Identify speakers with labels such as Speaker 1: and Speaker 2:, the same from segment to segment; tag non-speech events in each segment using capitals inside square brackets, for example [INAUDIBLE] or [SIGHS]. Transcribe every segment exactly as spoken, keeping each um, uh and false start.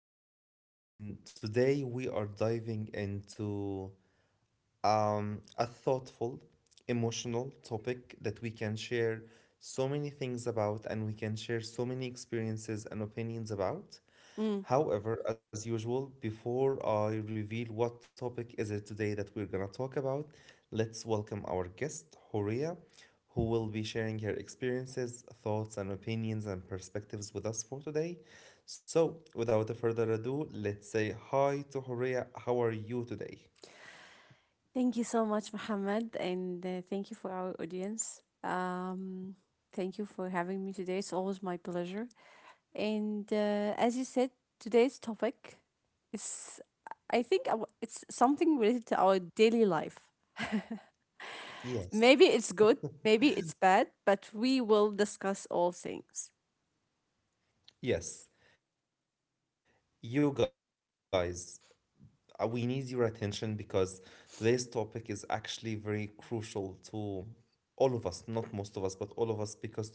Speaker 1: is Muhammad, and today we are diving into um, a thoughtful, emotional topic that we can share so many things about, and we can share so many experiences and opinions about.
Speaker 2: Mm.
Speaker 1: However, as usual, before I reveal what topic is it today that we're going to talk about, let's welcome our guest, Horia, who will be sharing her experiences, thoughts, and opinions and perspectives with us for today. So, without a further ado, let's say hi to Horia. How are you today?
Speaker 2: Thank you so much, Muhammad, and uh, thank you for our audience. Um, thank you for having me today. It's always my pleasure. And uh, as you said, today's topic is, I think, I w- it's something related to our daily life. [LAUGHS]
Speaker 1: Yes.
Speaker 2: Maybe it's good, maybe it's bad, but we will discuss all things.
Speaker 1: Yes. You guys, uh, we need your attention, because today's topic is actually very crucial to all of us, not most of us, but all of us, because today we are talking about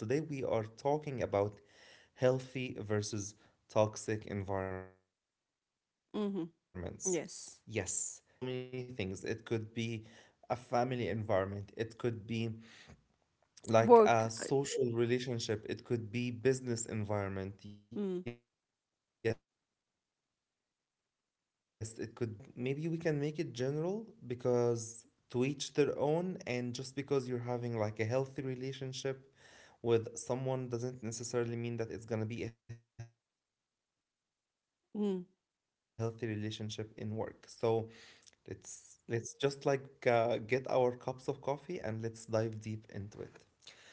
Speaker 1: healthy versus toxic environments. Yes. And when I say
Speaker 2: Mm-hmm.
Speaker 1: environments, it
Speaker 2: Yes.
Speaker 1: environments can be so many things. It could be a family environment, it could be like a
Speaker 2: Work. uh,
Speaker 1: social relationship, it could be business environment, yes, it
Speaker 2: Mm.
Speaker 1: could be anything in your mind. So I thought, like, maybe we can make it general, because to each their own, and just because you're having like a healthy relationship with someone doesn't necessarily mean that it's going to be a healthy relationship in work. So
Speaker 2: Mm.
Speaker 1: let's let's just, like, uh, get our cups of coffee and let's dive deep into it. Horia, you always know me,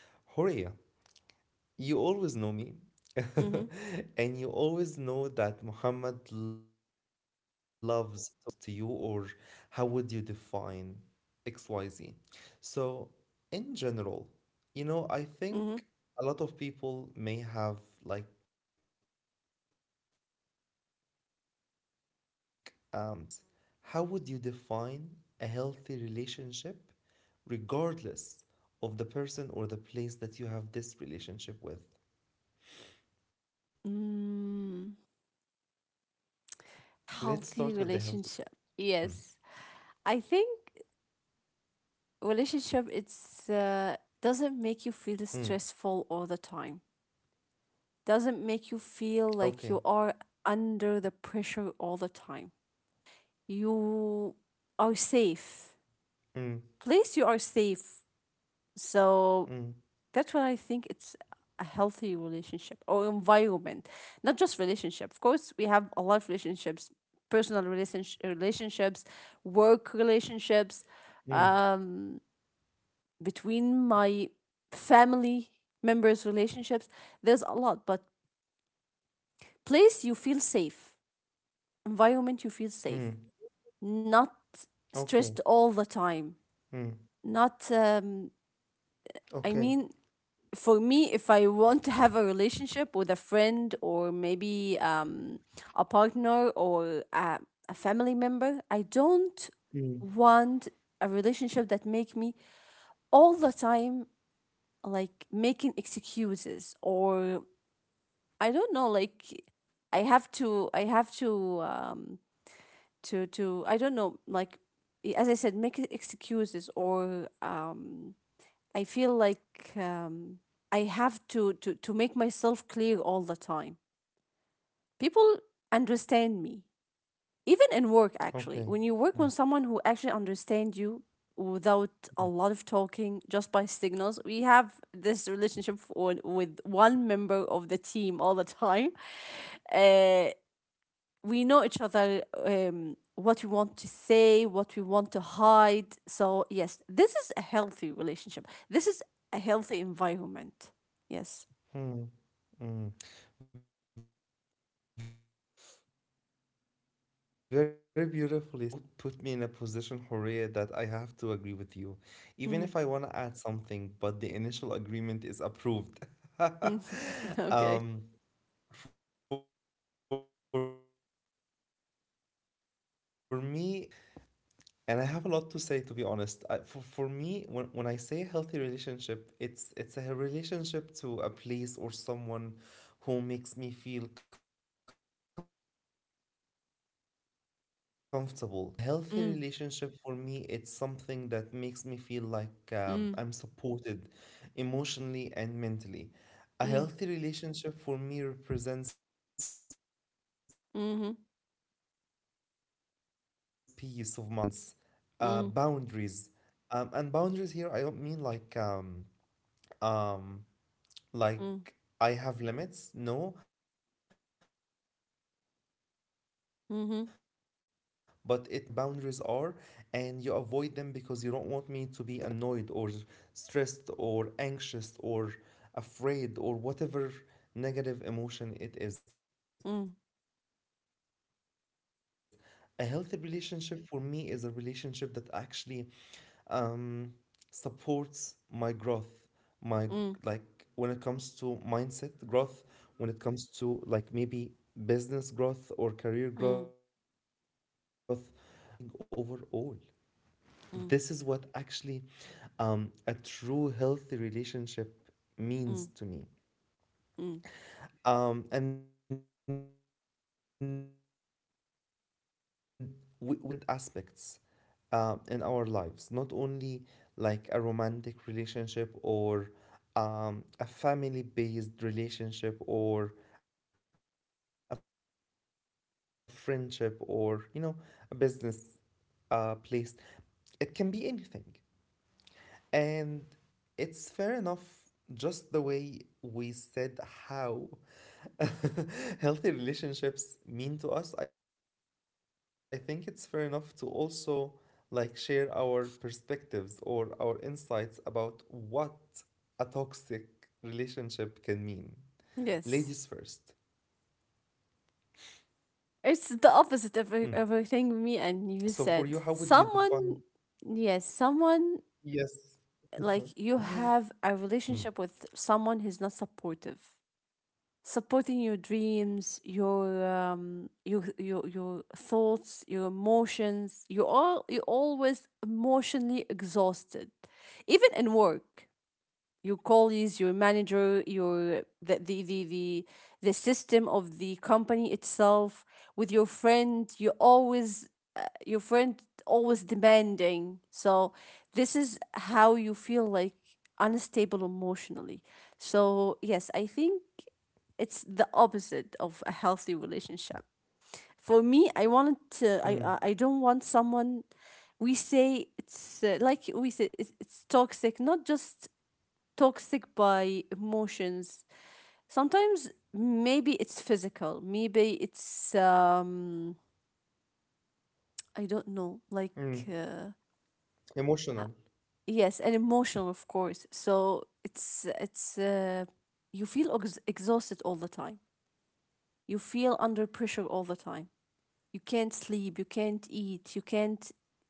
Speaker 1: [LAUGHS] and you always know that Muhammad
Speaker 2: Mm-hmm.
Speaker 1: loves to ask, um, what does X Y Z represent to you, or how would you define X Y Z? So, in general, you know, I
Speaker 2: Mm-hmm.
Speaker 1: think a lot of people may have, like, um, talked about it from their own perspectives. So I want to hear yours. How would you define a healthy relationship, regardless of the person or the place that you have this relationship with? Let's start with the healthy
Speaker 2: Mm.
Speaker 1: part.
Speaker 2: Healthy relationship. Yes. I think
Speaker 1: Mm.
Speaker 2: relationship
Speaker 1: Mm.
Speaker 2: it's uh, doesn't make you feel stressful all the time.
Speaker 1: Okay.
Speaker 2: Doesn't make you feel like you are under the pressure all the time.
Speaker 1: Mm.
Speaker 2: You are safe. Place
Speaker 1: Mm.
Speaker 2: you are safe. So that's what I think it's a healthy relationship or environment. Not just relationship. Of course, we have a lot of relationships: personal relationsh-
Speaker 1: Mm.
Speaker 2: relationships, work relationships, um between my family members relationships. There's a lot, but place you feel
Speaker 1: Mm.
Speaker 2: safe, environment you feel
Speaker 1: Okay.
Speaker 2: safe, not
Speaker 1: Mm.
Speaker 2: stressed all the time,
Speaker 1: Okay.
Speaker 2: not, um, I mean, for me, if I want to have a relationship with a friend or maybe um, a partner or a, a family member, I don't
Speaker 1: Mm.
Speaker 2: want a relationship that make me all the time like making excuses, or I don't know, like, I have to I have to um to to I don't know, like, i- as I said, make e- excuses, or um I feel like um I have to to to make myself clear all the time. People
Speaker 1: Okay. Mm,
Speaker 2: understand me. Even in work, actually. When you work with someone who
Speaker 1: mm.
Speaker 2: actually understands you without a lot of talking, just by signals, we have this relationship for, with one member of the team all the time, uh, we know each other, um, what we want to say, what we want to hide. So yes, this is a healthy relationship, this is a healthy environment. Yes.
Speaker 1: Mm, mm. Very beautifully said. Um, and you always put put me in a position, Horea, that I have to agree with you. Even
Speaker 2: Mm.
Speaker 1: if I want to add something, but the initial agreement is approved.
Speaker 2: Mm.
Speaker 1: [LAUGHS]
Speaker 2: [LAUGHS] Okay.
Speaker 1: Um, for me, a healthy relationship, I would position it differently. And I have a lot to say, to be honest. I, for, for me, when, when I say healthy relationship, it's it's a relationship to a place or someone who makes me feel comfortable the way I am, without being judged. A healthy
Speaker 2: Mm.
Speaker 1: relationship for me, it's something that makes me feel like, um,
Speaker 2: Mm.
Speaker 1: I'm supported emotionally and mentally. A
Speaker 2: Mm.
Speaker 1: healthy relationship for me represents peace of mind, um,
Speaker 2: Mhm.
Speaker 1: comfort, respect, balance, uh,
Speaker 2: Mm.
Speaker 1: boundaries. Um, and boundaries here, I don't mean like, um, um,
Speaker 2: Mm.
Speaker 1: like, I have limits, no, but it means that, you know,
Speaker 2: Mhm.
Speaker 1: w- what my boundaries are, and you avoid them because you don't want me to be annoyed or stressed or anxious or afraid or whatever negative emotion it is. A healthy
Speaker 2: Mm.
Speaker 1: relationship for me is a relationship that actually, um, supports my growth, my, like, when it comes to mindset growth,
Speaker 2: Mm.
Speaker 1: when it comes to like maybe business growth or career growth, uh, or it could be even
Speaker 2: Mm.
Speaker 1: like as, as as as a human being overall.
Speaker 2: Mm.
Speaker 1: This is what actually, um, a true healthy relationship
Speaker 2: Mm.
Speaker 1: means to me.
Speaker 2: Mm.
Speaker 1: Um, and we, we can take the same concept and apply it through different aspects uh, in our lives, not only like a romantic relationship, or um, a family based relationship, or a friendship, or, you know, a business uh, place. It can be anything. And it's fair enough, just the way we said how [LAUGHS] healthy relationships mean to us, I think it's fair enough to also, like, share our perspectives or our insights about what a toxic relationship can mean. Ladies first.
Speaker 2: Yes.
Speaker 1: Mm. So
Speaker 2: It's
Speaker 1: for you,
Speaker 2: the
Speaker 1: how would you
Speaker 2: opposite of every-
Speaker 1: define?
Speaker 2: everything me and you said. Someone,
Speaker 1: Yes.
Speaker 2: yes, someone,
Speaker 1: Mm.
Speaker 2: like you have a relationship with someone who's not supportive, supporting your dreams, your um your your, your thoughts, your emotions. You all you always emotionally exhausted, even in work: your colleagues, your manager, your the the the the, the system of the company itself. With your friend, you always, uh, your friend always demanding. So this is how you feel, like unstable emotionally. So yes, I think it's the opposite of a healthy relationship. For me, I wanted
Speaker 1: Mm.
Speaker 2: to. I I I don't want someone. We say it's, uh, like we say it's, it's toxic, not just toxic by emotions. Sometimes maybe it's physical, maybe it's, um I don't know, like,
Speaker 1: Mm.
Speaker 2: uh,
Speaker 1: Emotional.
Speaker 2: uh, yes, and emotional, of course. So it's it's uh, you feel ex- exhausted all the time. You feel under pressure all the time. You can't sleep, you can't eat, you can't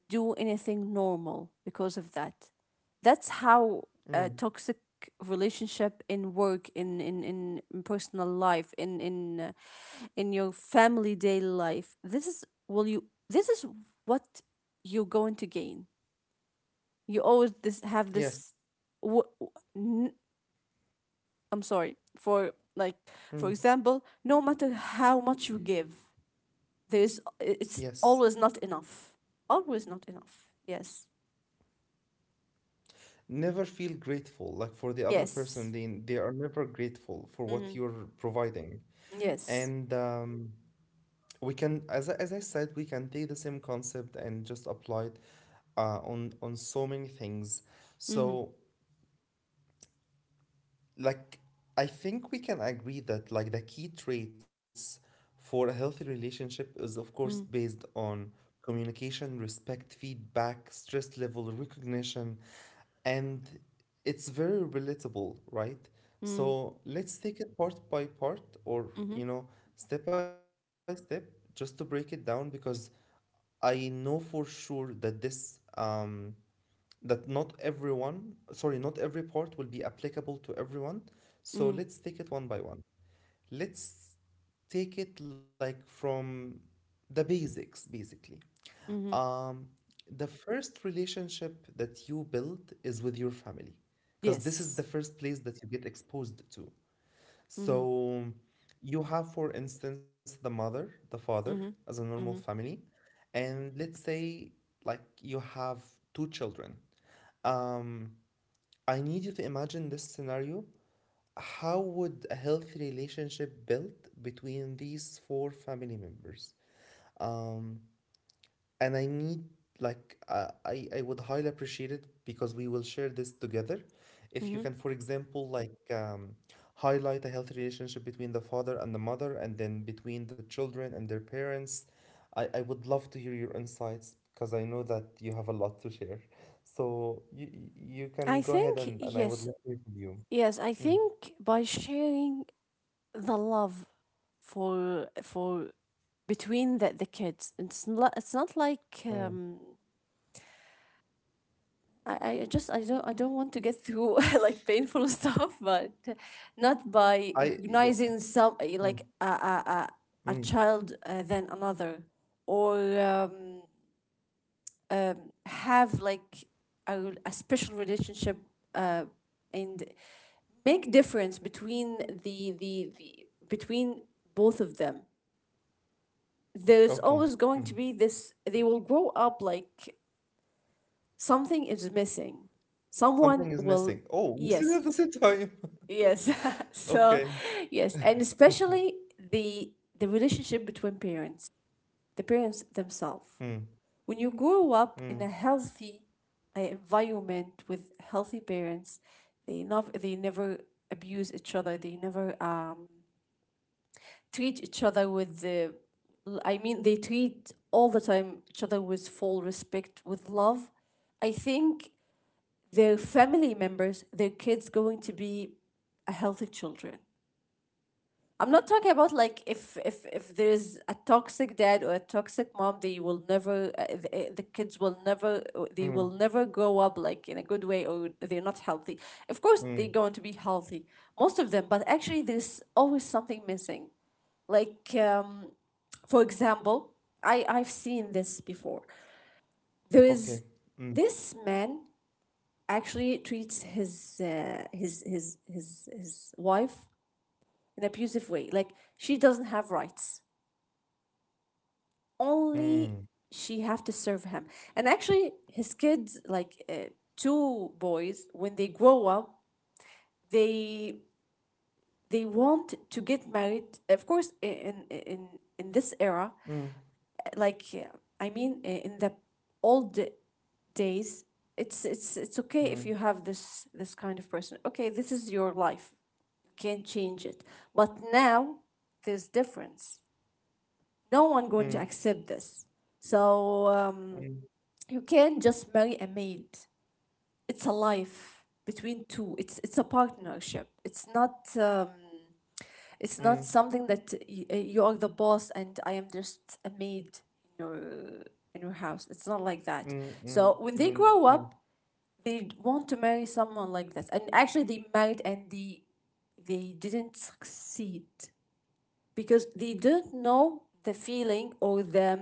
Speaker 2: do anything normal because of that. That's how
Speaker 1: Mm.
Speaker 2: a toxic relationship in work, in in in, in personal life, in in uh, in your family daily life. This is will you. This is what you're going to gain. You always this have
Speaker 1: Yes.
Speaker 2: this. W- w- n- I'm sorry for, like, for
Speaker 1: Mm.
Speaker 2: example, no matter how much you give, there's it's
Speaker 1: Yes.
Speaker 2: always not enough. Always not enough. Yes.
Speaker 1: Never feel grateful like for the other person.
Speaker 2: Yes.
Speaker 1: They they are never grateful for what
Speaker 2: Mm-hmm.
Speaker 1: you're providing.
Speaker 2: Yes.
Speaker 1: And um, we can, as, I- as I said, we can take the same concept and just apply it uh, on on so many things.
Speaker 2: Mm-hmm.
Speaker 1: So, like, I think we can agree that, like, the key traits for a healthy relationship is of course
Speaker 2: Mm.
Speaker 1: based on communication, respect, feedback, stress level recognition, and it's very relatable, right?
Speaker 2: Mm.
Speaker 1: So let's take it part by part, or,
Speaker 2: Mm-hmm.
Speaker 1: you know, step by step, just to break it down, because I know for sure that this, um that not everyone, sorry, not every part will be applicable to everyone.
Speaker 2: Mm.
Speaker 1: So let's take it one by one. Let's take it like from the basics, basically.
Speaker 2: Mm-hmm.
Speaker 1: Um, the first relationship that you build is with your family, because this is
Speaker 2: Yes.
Speaker 1: the first place that you get exposed to.
Speaker 2: Mm-hmm.
Speaker 1: So you have, for instance, the mother, the father,
Speaker 2: Mm-hmm.
Speaker 1: as a normal
Speaker 2: Mm-hmm.
Speaker 1: family, and let's say, like, you have two children. Um, I need you to imagine this scenario. How would a healthy relationship build between these four family members? Um, and I need, like, uh, I I would highly appreciate it, because we will share this together. If you
Speaker 2: Mm-hmm.
Speaker 1: can, for example, like, um, highlight a healthy relationship between the father and the mother, and then between the children and their parents, I I would love to hear your insights, because I know that you have a lot to share. So you you
Speaker 2: I
Speaker 1: can go ahead,
Speaker 2: think,
Speaker 1: and and I would
Speaker 2: yes.
Speaker 1: love to hear from you.
Speaker 2: Yes. I
Speaker 1: Mm,
Speaker 2: think By sharing the love for for between the, the kids. It's not it's not like,
Speaker 1: mm.
Speaker 2: um I, I just, I don't I don't want to get through [LAUGHS] like painful stuff, but not by
Speaker 1: I
Speaker 2: recognizing some,
Speaker 1: mm,
Speaker 2: like, a a, a, a
Speaker 1: mm.
Speaker 2: child uh, than another, or, um, um, have like a, rel- a special relationship, uh, and make difference between the, the the between both of them.
Speaker 1: Okay.
Speaker 2: There's always
Speaker 1: Mm.
Speaker 2: going to be this. They will grow up like something is missing.
Speaker 1: Something
Speaker 2: Someone
Speaker 1: is missing.
Speaker 2: will.
Speaker 1: Oh, we said it at the
Speaker 2: Yes.
Speaker 1: same time. [LAUGHS]
Speaker 2: Yes. [LAUGHS] So,
Speaker 1: Okay.
Speaker 2: yes, and
Speaker 1: [LAUGHS]
Speaker 2: especially the the relationship between parents, the parents
Speaker 1: Mm,
Speaker 2: themselves. When you grow up
Speaker 1: mm,
Speaker 2: in a healthy uh, environment with healthy parents, they not they never abuse each other. They never um, treat each other with the, l- I mean, they treat all the time each other with full respect, with love. I think their family members, their kids, going to be a healthy children. I'm not talking about like if if if there's a toxic dad or a toxic mom, they will never, uh, th- uh, the kids will never uh, they
Speaker 1: mm,
Speaker 2: will never grow up like in a good way, or they're not healthy. Of course,
Speaker 1: mm.
Speaker 2: they're going to be healthy, most of them, but actually there's always something missing. Like, um, for example, I I've seen this before. There is
Speaker 1: Okay. Mm,
Speaker 2: this man actually treats his, uh, his his his his wife in an abusive way. Like, she doesn't have rights, only
Speaker 1: mm,
Speaker 2: she have to serve him. And actually, his kids, like, uh, two boys, when they grow up, they they want to get married. Of course, i- in in in this era,
Speaker 1: mm,
Speaker 2: like, uh, I mean, uh, in the old days, it's it's it's okay if you
Speaker 1: mm,
Speaker 2: have this this kind of person. Okay, this is your life. You can't change it. But now there's difference. No one going to
Speaker 1: mm,
Speaker 2: accept this. So. Um,
Speaker 1: mm,
Speaker 2: you can't just marry a maid. It's a life between two. It's it's a partnership. It's not um, it's not something
Speaker 1: mm,
Speaker 2: that y- uh, you are the boss and I am just a maid in your in your house. It's not like that.
Speaker 1: mm, mm,
Speaker 2: So when they
Speaker 1: mm,
Speaker 2: grow
Speaker 1: mm.
Speaker 2: up, they want to marry someone like this. And actually, they married and they they didn't succeed because they didn't know the feeling, or the,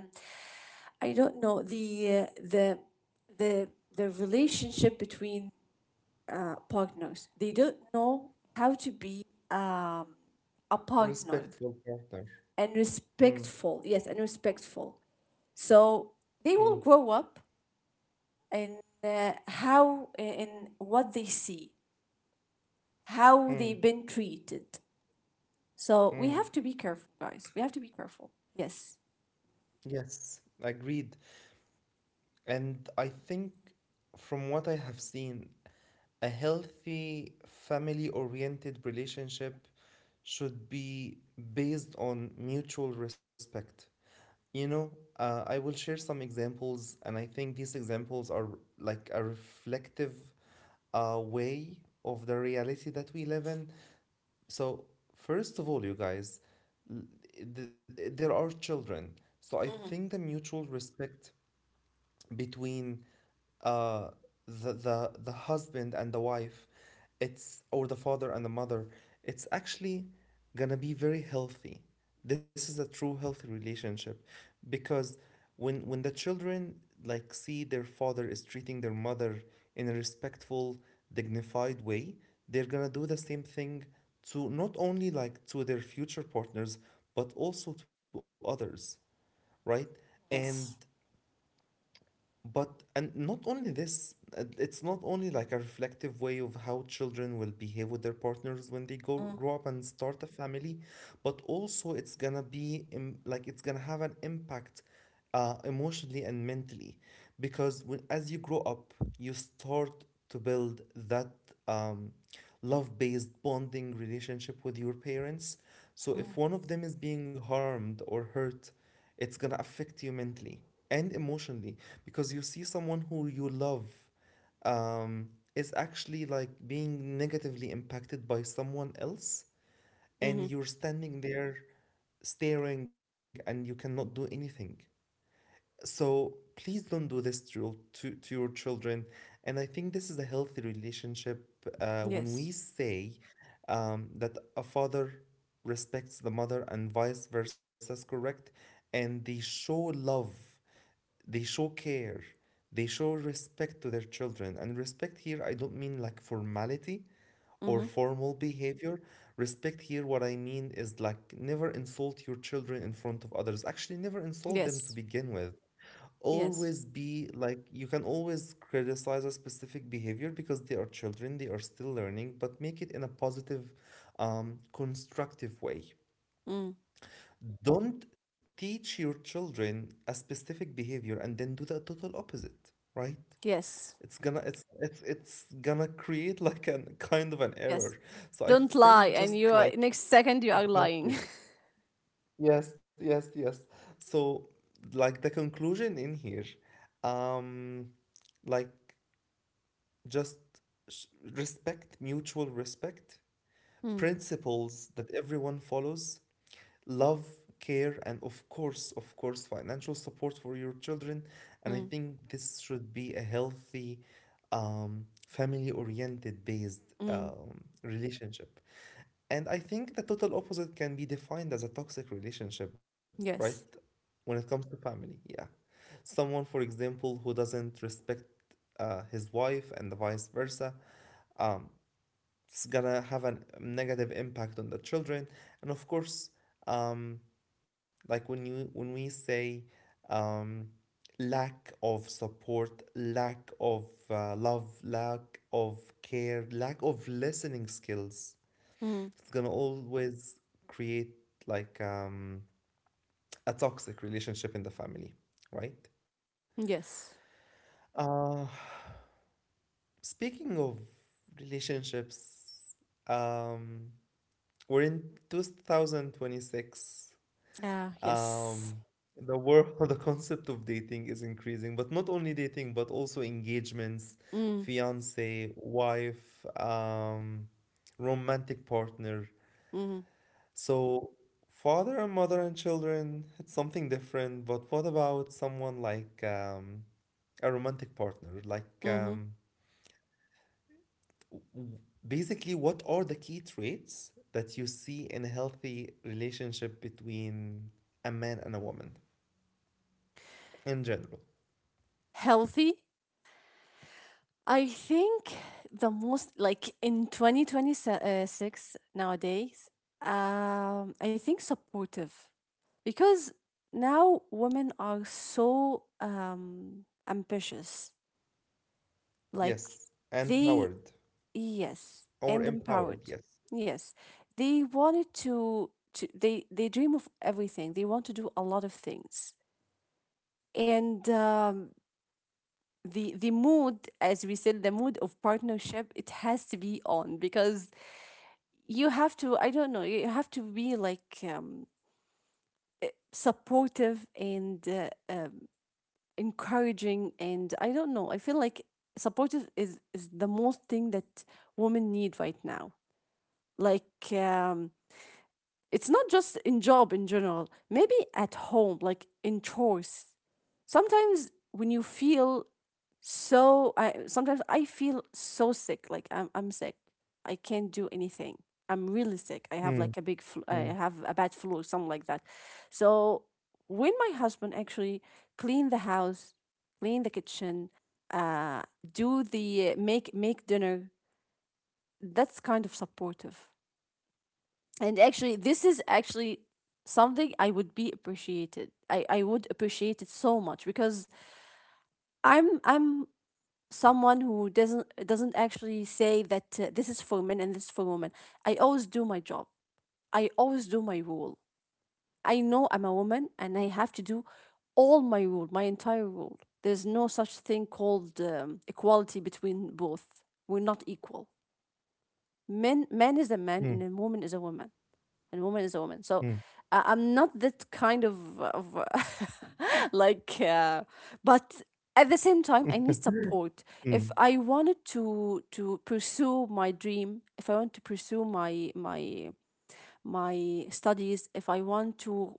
Speaker 2: I don't know, the uh, the the the relationship between, uh, partners. They don't know how to be, um, a partner
Speaker 1: Respectful partner.
Speaker 2: and
Speaker 1: Mm,
Speaker 2: respectful. Yes, and respectful. So they will
Speaker 1: mm,
Speaker 2: grow up and, uh, how in what they see, how
Speaker 1: mm,
Speaker 2: they've been treated. So we have
Speaker 1: mm.
Speaker 2: to be careful, guys. We have to be careful. Yes.
Speaker 1: Yes, agreed. And I think, from what I have seen, a healthy family-oriented relationship should be based on mutual respect. You know, uh, I will share some examples, and I think these examples are like a reflective uh, way of the reality that we live in. So, first of all, you guys, l- th- there are children. So, I
Speaker 2: Mm-hmm.
Speaker 1: think the mutual respect between, uh, the, the the husband and the wife, it's, or the father and the mother, it's actually gonna be very healthy. This is a true healthy relationship, because when when the children like see their father is treating their mother in a respectful, dignified way, they're gonna do the same thing, to not only, like, to their future partners, but also to others, right? and
Speaker 2: Yes.
Speaker 1: but, and not only this, uh, it's not only like a reflective way of how children will behave with their partners when they go grow up and start a family, but also it's gonna be, im- like, it's gonna have an impact uh, emotionally and mentally, because when, as you grow up, you start to build that, um, love-based bonding relationship with your parents. So if one of them is being harmed or hurt, it's gonna affect you mentally and emotionally, because you see someone who you love, um, is actually, like, being negatively impacted by someone else,
Speaker 2: Mm-hmm.
Speaker 1: and you're standing there staring and you cannot do anything. So please don't do this to to, to your children. And I think this is a healthy relationship, uh, when we
Speaker 2: Yes.
Speaker 1: say um, that a father respects the mother and vice versa is correct. And they show love, they show care, they show respect to their children. And respect here, I don't mean like formality or
Speaker 2: Mm-hmm.
Speaker 1: formal behavior. Respect here, what I mean is, like, never insult your children in front of others. Actually, never insult them, to
Speaker 2: Yes.
Speaker 1: begin with.
Speaker 2: Yes.
Speaker 1: Always be like, you can always criticize a specific behavior, because they are children, they are still learning, but make it in a positive, um, constructive way.
Speaker 2: Mm.
Speaker 1: Don't teach your children a specific behavior and then do the total opposite, right?
Speaker 2: Yes.
Speaker 1: It's gonna, it's it's, it's gonna create like a kind of an
Speaker 2: Yes.
Speaker 1: error. So I
Speaker 2: Don't lie,
Speaker 1: think,
Speaker 2: and you
Speaker 1: just
Speaker 2: are,
Speaker 1: like,
Speaker 2: next second you are lying.
Speaker 1: exactly, yes, yes, yes. So, like, the conclusion in here, um like just s- respect, mutual respect,
Speaker 2: [LAUGHS] Mm.
Speaker 1: principles that everyone follows, love, care, and of course, of course, financial support for your children. And I
Speaker 2: Mm.
Speaker 1: think this should be a healthy, um, family-oriented based
Speaker 2: Mm.
Speaker 1: um, relationship. And I think the total opposite can be defined as a toxic relationship, right?
Speaker 2: Yes.
Speaker 1: When it comes to family, yeah. Someone, for example, who doesn't respect uh, his wife, and the vice versa, um, it's gonna have a negative impact on the children. And of course, um, like when you, when we say, um, lack of support, lack of uh, love, lack of care, lack of listening skills,
Speaker 2: Mm.
Speaker 1: it's gonna always create like, um, a toxic relationship in the family, right?
Speaker 2: Yes.
Speaker 1: Uh, speaking of relationships, um, we're in two thousand twenty-six.
Speaker 2: Ah, yes.
Speaker 1: Um, the world, [LAUGHS] the concept of dating is increasing, but not only dating, but also engagements,
Speaker 2: Mm.
Speaker 1: fiance, wife, um, romantic partner.
Speaker 2: Mm.
Speaker 1: So, father and mother and children, it's something different. But what about someone like um, a romantic partner? Like,
Speaker 2: Mm-hmm.
Speaker 1: um, w- basically, what are the key traits that you see in a healthy relationship between a man and a woman in general?
Speaker 2: Healthy. I think the most, like, in twenty twenty six nowadays. Um, I think supportive, because now women are so um ambitious. Like
Speaker 1: Yes, and
Speaker 2: they
Speaker 1: powered
Speaker 2: Yes,
Speaker 1: or
Speaker 2: and
Speaker 1: empowered,
Speaker 2: empowered.
Speaker 1: yes.
Speaker 2: Yes, they wanted to, to they they dream of everything. They want to do a lot of things. And, um, the the mood, as we said, the mood of partnership, it has to be on because you have to. I don't know. You have to be like, um, supportive and, uh, um, encouraging. And I don't know. I feel like supportive is is the most thing that women need right now, like, um it's not just in job in general, maybe at home like in chores. Sometimes when you feel so, i sometimes i feel so sick, like, i'm, I'm sick. I can't do anything. I'm really sick. I have
Speaker 1: Mm,
Speaker 2: like a big flu. I
Speaker 1: mm,
Speaker 2: have a bad flu, or something like that. So when my husband actually clean the house, clean the kitchen, uh do the make make dinner. That's kind of supportive. And actually, this is actually something I would be appreciated. I i would appreciate it so much, because i'm i'm someone who doesn't doesn't actually say that, uh, this is for men and this is for women. I always do my job, I always do my rule. I know I'm a woman and I have to do all my rule, my entire rule. There's no such thing called, um, equality between both. We're not equal. Men man is a man
Speaker 1: mm,
Speaker 2: and a woman is a woman and woman is a woman. So,
Speaker 1: mm,
Speaker 2: uh, I'm not that kind of, of [LAUGHS] like, uh, but at the same time, I need support.
Speaker 1: mm,
Speaker 2: If I wanted to to pursue my dream, if I want to pursue my my my studies, if I want to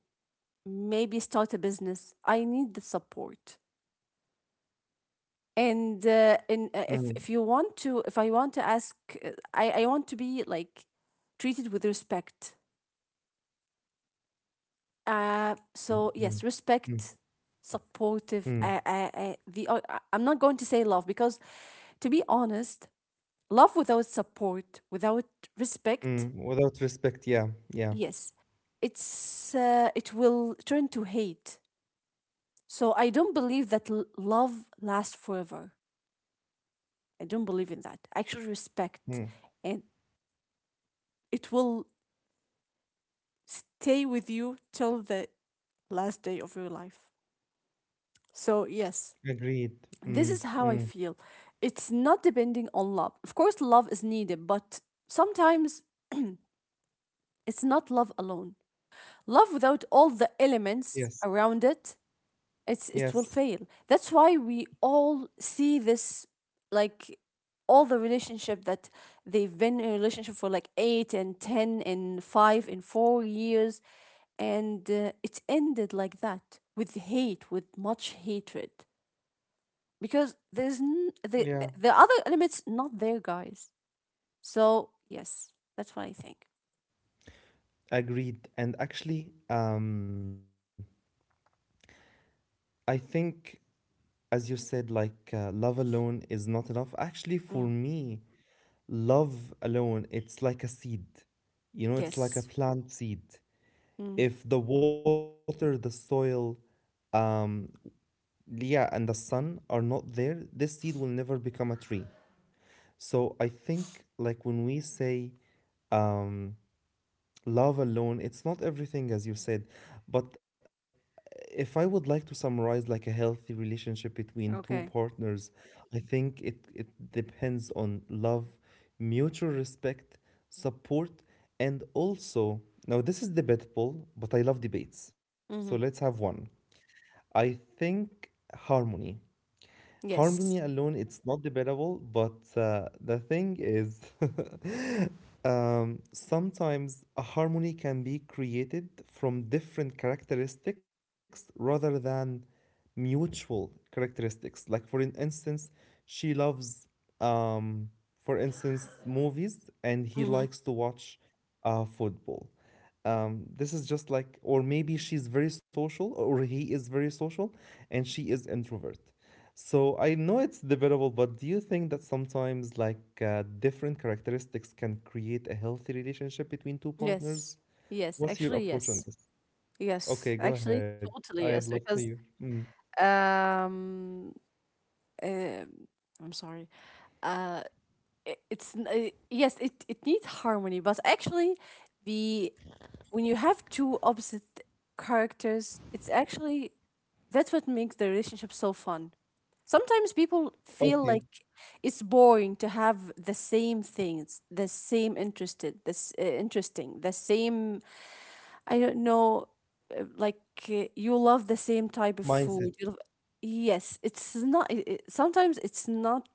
Speaker 2: maybe start a business, I need the support. And uh, and uh, if
Speaker 1: mm,
Speaker 2: if you want to, if I want to ask, uh, I I want to be like treated with respect. Uh,
Speaker 1: mm,
Speaker 2: so
Speaker 1: mm,
Speaker 2: yes,
Speaker 1: mm,
Speaker 2: respect, supportive.
Speaker 1: mm,
Speaker 2: Uh, uh, uh, the uh, I- I'm not going to say love, because, to be honest, love without support, without respect,
Speaker 1: mm. Without respect, yeah, yeah.
Speaker 2: yes, it's uh, it will turn to hate. So I don't believe that l- love lasts forever. I don't believe in that. Actually, respect,
Speaker 1: Mm.
Speaker 2: and it will stay with you till the last day of your life. So yes,
Speaker 1: Agreed.
Speaker 2: this
Speaker 1: Mm,
Speaker 2: is how I
Speaker 1: mm.
Speaker 2: feel. It's not depending on love. Of course, love is needed, but sometimes it's not love alone. Love without all the elements
Speaker 1: Yes,
Speaker 2: around it, it's it will
Speaker 1: yes,
Speaker 2: fail. That's why we all see this, like all the relationship that they've been in a relationship for like eight and ten and five and four years, and uh, it ended like that with hate, with much hatred, because there's n- the
Speaker 1: yeah.
Speaker 2: the other elements not there, guys. So yes, that's what I think.
Speaker 1: Agreed. And actually, um, I think, as you said, like uh, love alone is not enough. Actually, for
Speaker 2: Mm.
Speaker 1: me, love alone, it's like a seed. You know, it's
Speaker 2: Yes.
Speaker 1: like a plant seed.
Speaker 2: Mm.
Speaker 1: If the water, the soil, um, yeah, and the sun are not there, this seed will never become a tree. So I think, like when we say um, love alone, it's not everything, as you said. But if I would like to summarize like a healthy relationship between two
Speaker 2: Okay.
Speaker 1: partners, I think it, it depends on love, mutual respect, support, and also, now this is debatable, but I love debates. So let's
Speaker 2: Mm-hmm.
Speaker 1: have one. I think harmony. Harmony
Speaker 2: Yes.
Speaker 1: alone, it's not debatable, but uh, the thing is, [LAUGHS] Um, sometimes a harmony can be created from different characteristics rather than mutual characteristics. Like, for an instance, she loves, um, for instance, movies and he
Speaker 2: Mm-hmm.
Speaker 1: likes to watch uh, football. Um, this is just like, or maybe she's very social or he is very social and she is introvert. So I know it's debatable, but do you think that sometimes like uh, different characteristics can create a healthy relationship between two
Speaker 2: Yes.
Speaker 1: partners?
Speaker 2: Yes.
Speaker 1: What's
Speaker 2: Actually,
Speaker 1: your
Speaker 2: yes.
Speaker 1: approach on this?
Speaker 2: Yes.
Speaker 1: Okay, go
Speaker 2: Actually,
Speaker 1: ahead.
Speaker 2: totally
Speaker 1: I'd
Speaker 2: yes.
Speaker 1: love to
Speaker 2: Because
Speaker 1: hear. Mm.
Speaker 2: um, um I'm sorry. Uh, it, it's n- uh, yes. It it needs harmony, but actually, the when you have two opposite characters, it's actually that's what makes the relationship so fun. Sometimes people feel like
Speaker 1: Okay,
Speaker 2: it's boring to have the same things, the same interested, this uh, interesting, the same. I don't know, uh, like uh, you love the same type of food.
Speaker 1: mindset,
Speaker 2: You love, yes, it's not. It, it- sometimes it's not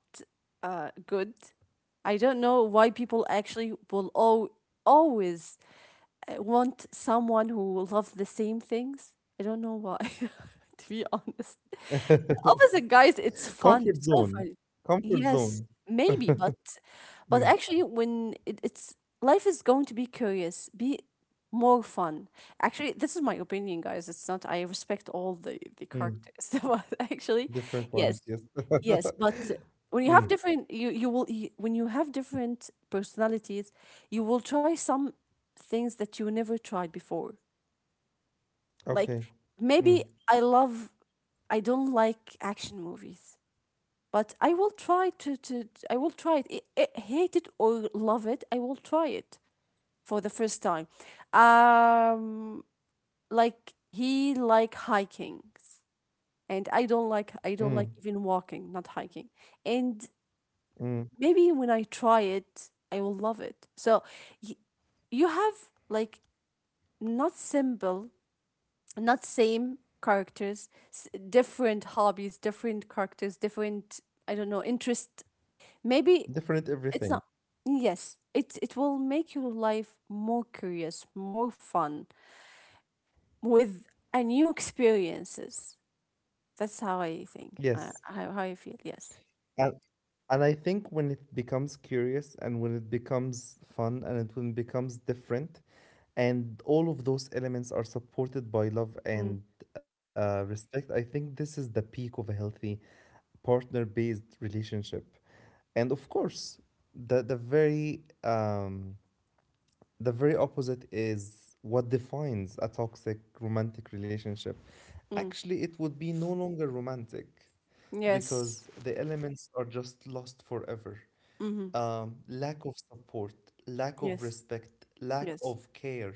Speaker 2: uh good. I don't know why people actually will al- always uh, want someone who loves the same things. I don't know why, [LAUGHS] to be honest.
Speaker 1: [LAUGHS]
Speaker 2: Opposite guys, it's fun. It's
Speaker 1: comfort
Speaker 2: so fun.
Speaker 1: zone, comfort
Speaker 2: Yes,
Speaker 1: zone.
Speaker 2: maybe, but but
Speaker 1: Mm.
Speaker 2: actually, when it, it's life is going to be curious, be more fun. Actually, this is my opinion, guys. It's not. I respect all the the
Speaker 1: Mm.
Speaker 2: characters, [LAUGHS] but actually,
Speaker 1: Different ones,
Speaker 2: yes,
Speaker 1: yes. [LAUGHS]
Speaker 2: yes, but. When you have
Speaker 1: Mm.
Speaker 2: different, you you will you, when you have different personalities, you will try some things that you never tried before. Like,
Speaker 1: Okay.
Speaker 2: maybe
Speaker 1: Mm.
Speaker 2: I love I don't like action movies, but I will try to, to I will try it. I I- hate it or love it, I will try it for the first time. Um, like he like hiking, and I don't like I don't
Speaker 1: Mm.
Speaker 2: like even walking, not hiking. And
Speaker 1: Mm.
Speaker 2: maybe when I try it, I will love it. So y- you have, like, not simple, not same characters, s- different hobbies, different characters, different, I don't know, interest. Maybe.
Speaker 1: Different
Speaker 2: It's not.
Speaker 1: everything.
Speaker 2: Yes, it it will make your life more curious, more fun, with a new experiences. That's how I think. Uh,
Speaker 1: Yes.
Speaker 2: how how I feel. Yes.
Speaker 1: And And I think when it becomes curious and when it becomes fun and it when it becomes different, and all of those elements are supported by love
Speaker 2: Mm,
Speaker 1: and uh, respect, I think this is the peak of a healthy partner-based relationship. And of course, the the very um, the very opposite is what defines a toxic romantic relationship.
Speaker 2: mm,
Speaker 1: Actually, it would be no longer romantic
Speaker 2: yes.
Speaker 1: because the elements are just lost forever,
Speaker 2: Mm-hmm.
Speaker 1: um, lack of support, lack of
Speaker 2: Yes.
Speaker 1: respect, lack
Speaker 2: Yes.
Speaker 1: of care,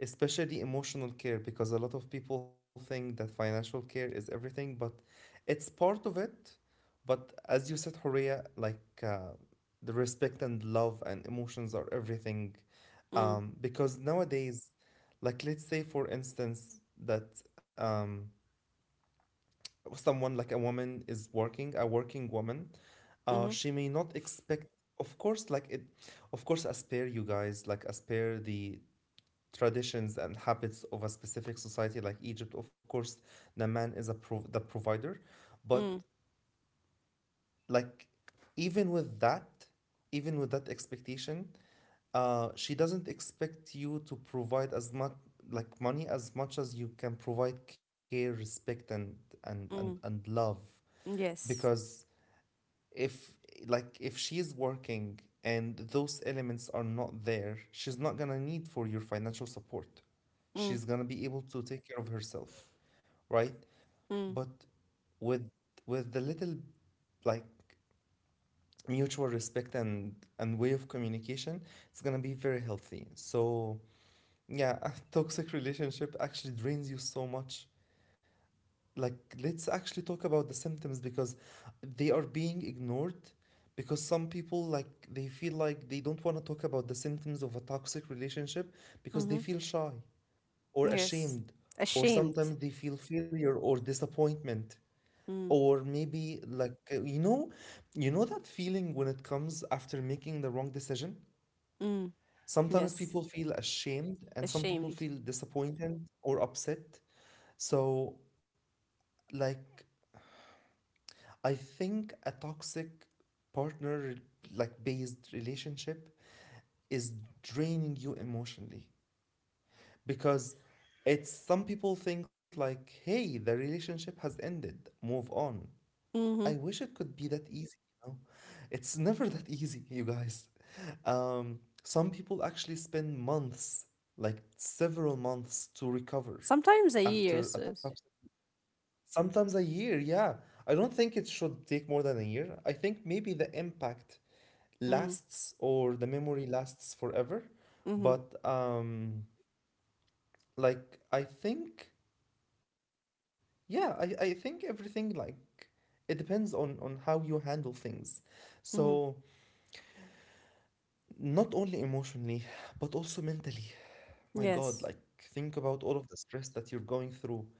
Speaker 1: especially emotional care, because a lot of people think that financial care is everything, but it's part of it. But as you said, Horea, like uh, the respect and love and emotions are everything.
Speaker 2: Mm,
Speaker 1: Um, because nowadays, like let's say for instance that um, someone like a woman is working, a working woman, uh
Speaker 2: mm-hmm.
Speaker 1: she may not expect, of course, like it, of course I spare you guys, like I spare the traditions and habits of a specific society like Egypt. Of course the man is a pro- the provider. But
Speaker 2: Mm,
Speaker 1: like, even with that, even with that expectation, uh she doesn't expect you to provide as much like money as much as you can provide care, respect, and and and,
Speaker 2: mm,
Speaker 1: and love.
Speaker 2: yes.
Speaker 1: Because if, like if she's working and those elements are not there, she's not gonna need for your financial support.
Speaker 2: Mm,
Speaker 1: She's gonna be able to take care of herself, right?
Speaker 2: mm,
Speaker 1: But with with the little, like mutual respect and and way of communication, it's gonna be very healthy. So yeah, [LAUGHS] toxic relationship actually drains you so much. Like, let's actually talk about the symptoms, because they are being ignored, because some people, like they feel like they don't want to talk about the symptoms of a toxic relationship because
Speaker 2: mm-hmm.
Speaker 1: they feel shy or
Speaker 2: Yes.
Speaker 1: ashamed, or
Speaker 2: Ashamed.
Speaker 1: sometimes they feel failure or disappointment,
Speaker 2: Mm,
Speaker 1: or maybe like uh, you know, you know that feeling when it comes after making the wrong decision.
Speaker 2: mm,
Speaker 1: Sometimes
Speaker 2: yes.
Speaker 1: people feel ashamed and some people
Speaker 2: Ashamed.
Speaker 1: feel disappointed or upset. So, like, I think a toxic partner, like based relationship, is draining you emotionally, because it's, some people think like, hey, the relationship has ended, move on. I
Speaker 2: Mm-hmm.
Speaker 1: wish it could be that easy, you know. It's [LAUGHS] never that easy, you guys. um some people actually spend months, like several months to recover
Speaker 2: Sometimes a year
Speaker 1: after a
Speaker 2: says.
Speaker 1: toxic. Sometimes a year, yeah. I don't think it should take more than a year. I think maybe the impact
Speaker 2: Mm,
Speaker 1: lasts or the memory lasts forever.
Speaker 2: mm-hmm.
Speaker 1: But um like I think, yeah, I, I think everything like, it depends on on how you handle things.
Speaker 2: Mm-hmm.
Speaker 1: So not only emotionally, but also mentally. My
Speaker 2: Yes.
Speaker 1: God, like think about all of the stress that you're going through.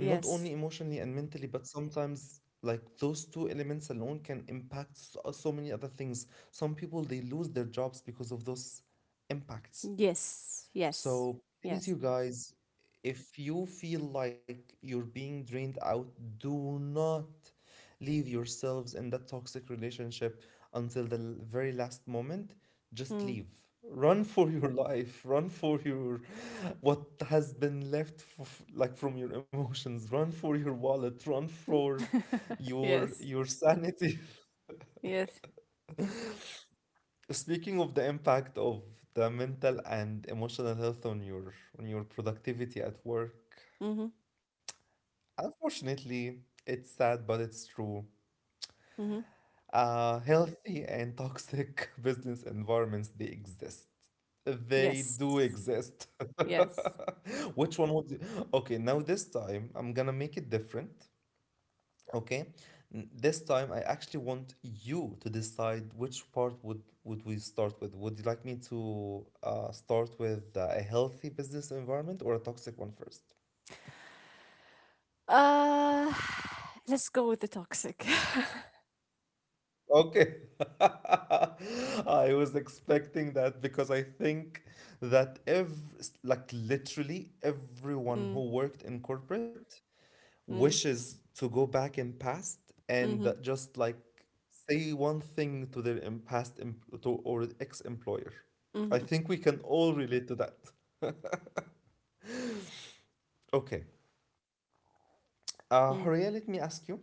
Speaker 1: And not only emotionally and mentally, but sometimes like those two elements alone can impact so, so many other things. Some people they lose their jobs because of those impacts.
Speaker 2: Yes, yes,
Speaker 1: So please,
Speaker 2: yes.
Speaker 1: you guys, if you feel like you're being drained out, do not leave yourselves in that toxic relationship until the l- very last moment. Just
Speaker 2: Mm.
Speaker 1: leave. Run [LAUGHS] for your life. Run for your what has been left f like from your emotions. Run for your wallet. Run
Speaker 2: [LAUGHS]
Speaker 1: for your
Speaker 2: Yes,
Speaker 1: your sanity. [LAUGHS]
Speaker 2: yes.
Speaker 1: Speaking of the impact of the mental and emotional health on your on your productivity at work,
Speaker 2: Mm-hmm,
Speaker 1: unfortunately, it's sad but it's true.
Speaker 2: mm-hmm.
Speaker 1: Uh, healthy and toxic [LAUGHS] business environments they exist. They
Speaker 2: Yes,
Speaker 1: do exist.
Speaker 2: yes.
Speaker 1: [LAUGHS] Which one would you... Okay, now this time I'm gonna make it different. Okay, N- this time I actually want you to decide which part would would we start with. Would you like me to uh, start with uh, a healthy business environment or a toxic one first?
Speaker 2: Uh, [SIGHS] let's go with the toxic.
Speaker 1: Okay. [LAUGHS] I was expecting that because I think that ev like literally everyone
Speaker 2: [LAUGHS] Mm,
Speaker 1: who worked in corporate
Speaker 2: mm,
Speaker 1: wishes to go back in past and
Speaker 2: mm-hmm,
Speaker 1: just like say one thing to their em- past em- to, or ex-employer. I
Speaker 2: mm-hmm,
Speaker 1: think we can all relate to that. Okay. Uh,
Speaker 2: mm.
Speaker 1: Horia, let me ask you.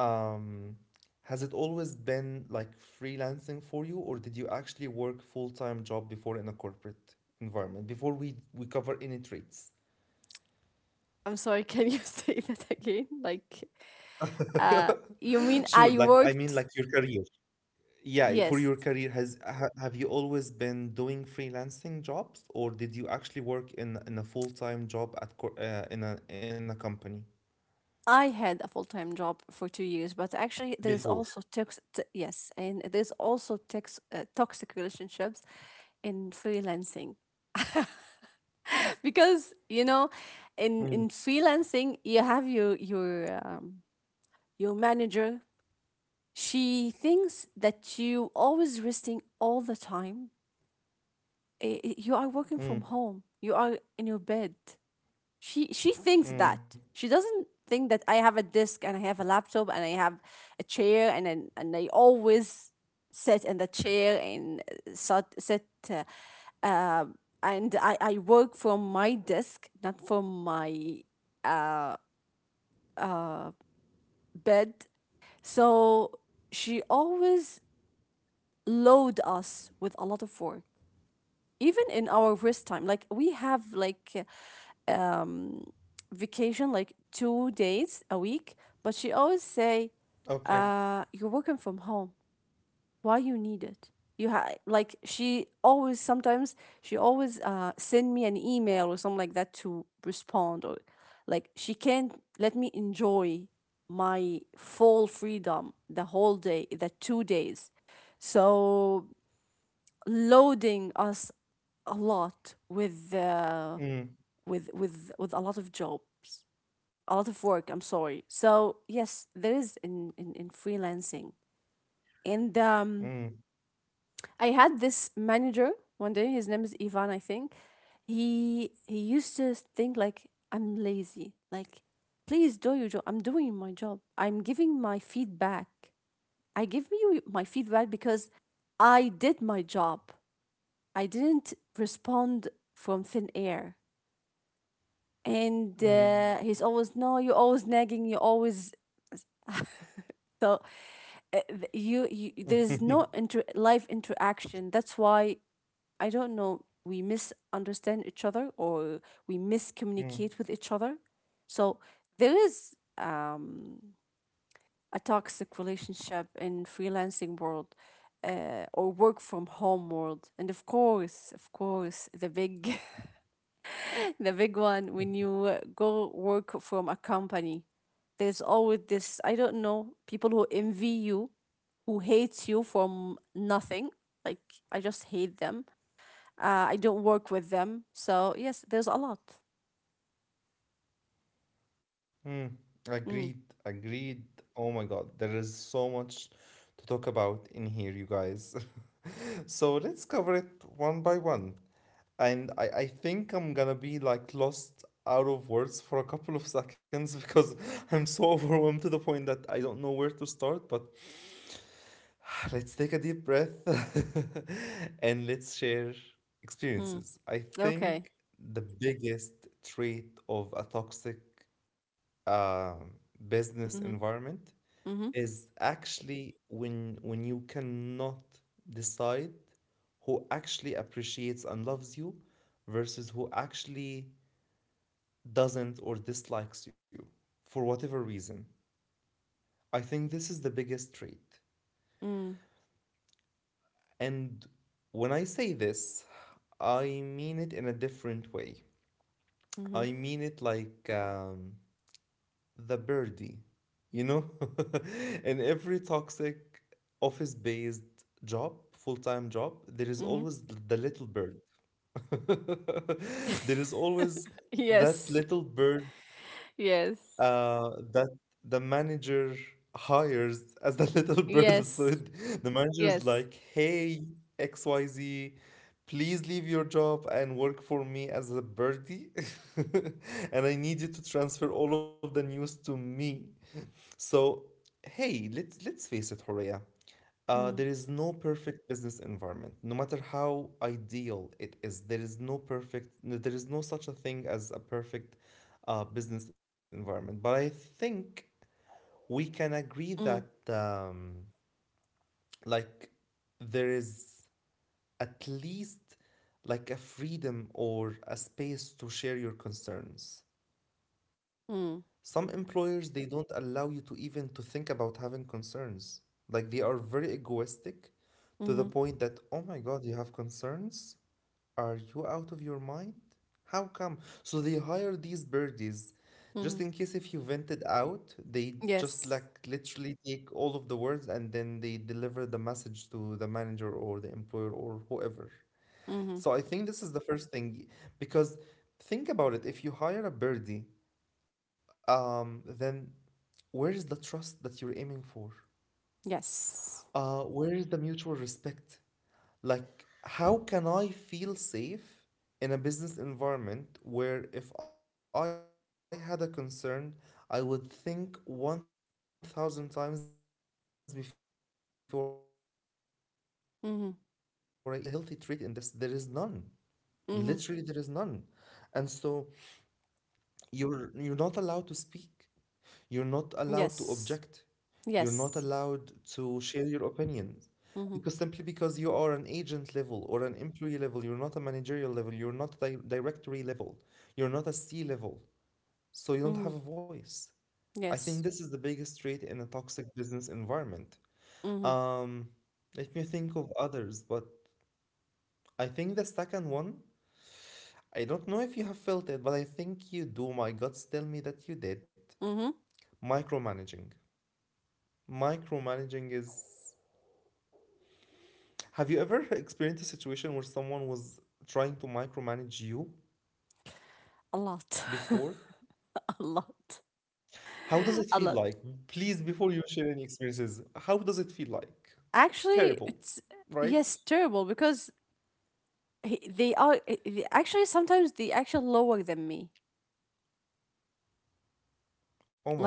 Speaker 1: Um, has it always been like freelancing for you, or did you actually work full-time job before in a corporate environment? Before we we cover any traits.
Speaker 2: I'm sorry, can you [LAUGHS] say that again? Like, uh,
Speaker 1: [LAUGHS]
Speaker 2: you mean
Speaker 1: Sure, like
Speaker 2: I
Speaker 1: I mean like
Speaker 2: worked?
Speaker 1: your career. Yeah, for
Speaker 2: Yes,
Speaker 1: your career, has ha, have you always been doing freelancing jobs, or did you actually work in in a full-time job at co- uh, in a in a company?
Speaker 2: I had a full-time job for two years, but actually there's
Speaker 1: Before.
Speaker 2: also tox t- yes, and there's also tox uh, toxic relationships in freelancing [LAUGHS] because you know, in in
Speaker 1: Mm,
Speaker 2: freelancing you have your your um, your manager. She thinks that you always resting all the time. I- i- You are working
Speaker 1: mm,
Speaker 2: from home. You are in your bed. She she thinks that
Speaker 1: mm.
Speaker 2: she doesn't think that I have a desk, and I have a laptop, and I have a chair, and and, and I always sit in the chair, and uh, sit sit uh, um, and I I work from my desk, not from my uh uh bed. So she always load us with a lot of work, even in our rest time. Like, we have like uh, um, vacation, like two days a week. But she always say,
Speaker 1: Okay.
Speaker 2: uh, "You're working from home. Why you need it? You ha Like she always sometimes, she always uh send me an email or something like that to respond. Or like, she can't let me enjoy my full freedom, the whole day, the two days, so loading us a lot with uh,
Speaker 1: Mm,
Speaker 2: with with with a lot of jobs, a lot of work. I'm sorry. So yes, there is in in, in freelancing. And um I had this manager one day, his name is Ivan, I think. He he used to think like I'm lazy. Like, please do your job. I'm doing my job. I'm giving my feedback. I give you my feedback because I did my job. I didn't respond from thin air. And uh,
Speaker 1: mm,
Speaker 2: he's always, no, you're always nagging, you're always, [LAUGHS] so uh, th- you, you there is
Speaker 1: mm. [LAUGHS]
Speaker 2: no inter live interaction. That's why, I don't know, we misunderstand each other, or we miscommunicate with each other. So there is um, a toxic relationship in freelancing world, uh, or work from home world. And of course, of course, the big [LAUGHS] the big one when you uh, go work from a company, there's always this, I don't know, people who envy you, who hates you from nothing. Like, I just hate them. Uh, I don't work with them. So yes, there's a lot.
Speaker 1: Mm, agreed,
Speaker 2: Mm,
Speaker 1: agreed. Oh my God, there is so much to talk about in here, you guys. [LAUGHS] So let's cover it one by one. And I, I think I'm gonna be like lost out of words for a couple of seconds [LAUGHS] because I'm so [LAUGHS] overwhelmed to the point that I don't know where to start. But [SIGHS] let's take a deep breath [LAUGHS] and let's share
Speaker 2: mm,
Speaker 1: experiences. I
Speaker 2: okay.
Speaker 1: think the biggest trait of a toxic uh, business
Speaker 2: Mm-hmm.
Speaker 1: environment
Speaker 2: Mm-hmm.
Speaker 1: is actually when when you cannot decide who actually appreciates and loves you versus who actually doesn't or dislikes you for whatever reason. I think this is the biggest trait.
Speaker 2: Mm,
Speaker 1: And when I say this, I mean it in a different way.
Speaker 2: mm-hmm.
Speaker 1: I mean it like um, the birdie, you know? [LAUGHS] In every toxic office based job, full time job, there is
Speaker 2: Mm-hmm.
Speaker 1: always the little bird. [LAUGHS] There is
Speaker 2: [LAUGHS]
Speaker 1: always
Speaker 2: Yes.
Speaker 1: that little bird
Speaker 2: Yes.
Speaker 1: uh, that the manager hires as the [LAUGHS] little bird. So
Speaker 2: Yes.
Speaker 1: it- the manager is
Speaker 2: Yes.
Speaker 1: like, hey, X Y Z, please leave your job and work for me as a birdie. [LAUGHS] And I need you to transfer all of the news to me. So, hey, let's let's face it, Horea. Uh, there
Speaker 2: Mm,
Speaker 1: is no perfect business environment, no matter how ideal it is. There is no perfect, no- there is no such a thing as a perfect uh, business environment. But I think we can agree
Speaker 2: mm,
Speaker 1: that, um, like, there is at least like a freedom or a space to share your concerns.
Speaker 2: mm,
Speaker 1: Some employers they don't allow you to even to think about having concerns. Like they are very egoistic to the
Speaker 2: mm-hmm.
Speaker 1: point that oh my god, you have concerns? Are you out of your mind? How come? So they hire these birdies
Speaker 2: Mm-hmm.
Speaker 1: just in case if you vented out, they just
Speaker 2: Yes.
Speaker 1: like literally take all of the words and then they deliver the message to the manager or the employer or whoever.
Speaker 2: Mm-hmm.
Speaker 1: So I think this is the first thing, because think about it, if you hire a birdie, um, then where is the trust that you're aiming for?
Speaker 2: Yes.
Speaker 1: Uh, where is the mutual respect? Like, how can I feel safe in a business environment where if I had a concern, I would think one thousand times before I even share my concern out loud? Like, where is the healthy trait in this?
Speaker 2: Mm-hmm.
Speaker 1: There is none. Literally, there is none. And
Speaker 2: Mm-hmm.
Speaker 1: so you're you're not allowed to speak. You're not allowed to object. You're
Speaker 2: Yes.
Speaker 1: not allowed to
Speaker 2: Yes.
Speaker 1: share your opinions. Because simply
Speaker 2: Mm-hmm.
Speaker 1: because you are an agent level or an employee level, you're not a managerial level, you're not di- directory level, you're not a C level. So you
Speaker 2: Mm-hmm.
Speaker 1: don't have a voice. I think
Speaker 2: Yes.
Speaker 1: this is the biggest trait in a toxic business environment.
Speaker 2: Mm-hmm.
Speaker 1: Um, Let me think of others, but I think the second one, I don't know if you have felt it, but I think you do. My guts tell me that you did.
Speaker 2: Mm-hmm.
Speaker 1: Micromanaging. Micromanaging is. Have you ever experienced a situation where someone was trying to micromanage you
Speaker 2: A lot.
Speaker 1: before?
Speaker 2: [LAUGHS] A lot.
Speaker 1: How does it
Speaker 2: A
Speaker 1: feel
Speaker 2: lot.
Speaker 1: like? Please, before you share any experiences, how does it feel like?
Speaker 2: Actually,
Speaker 1: Terrible,
Speaker 2: it's
Speaker 1: right?
Speaker 2: yes, terrible. Because he, they are, eh, they- actually sometimes they actually lower than me.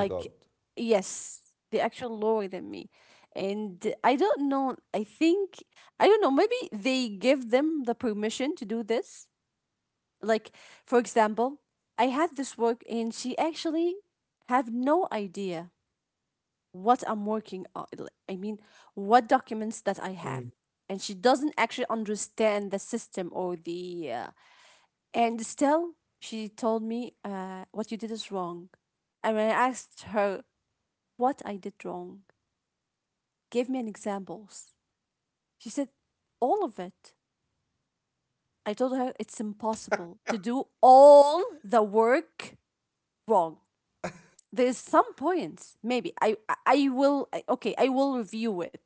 Speaker 1: Oh my God.
Speaker 2: yes, they actually lower than me, and I don't know. I think I don't know. Maybe they give them the permission to do this. Like, for example, I had this work, and she actually have no idea what I'm working on. Like, I mean, what documents that I have.
Speaker 1: Mm,
Speaker 2: And she doesn't actually understand the system, or the. Uh, and still, she told me, uh, what you did is wrong. And when I asked her what I did wrong, gave me an examples. She said, all of it. I told her it's impossible to do all the work wrong. There's some points, maybe i i I will I- okay, I will review it.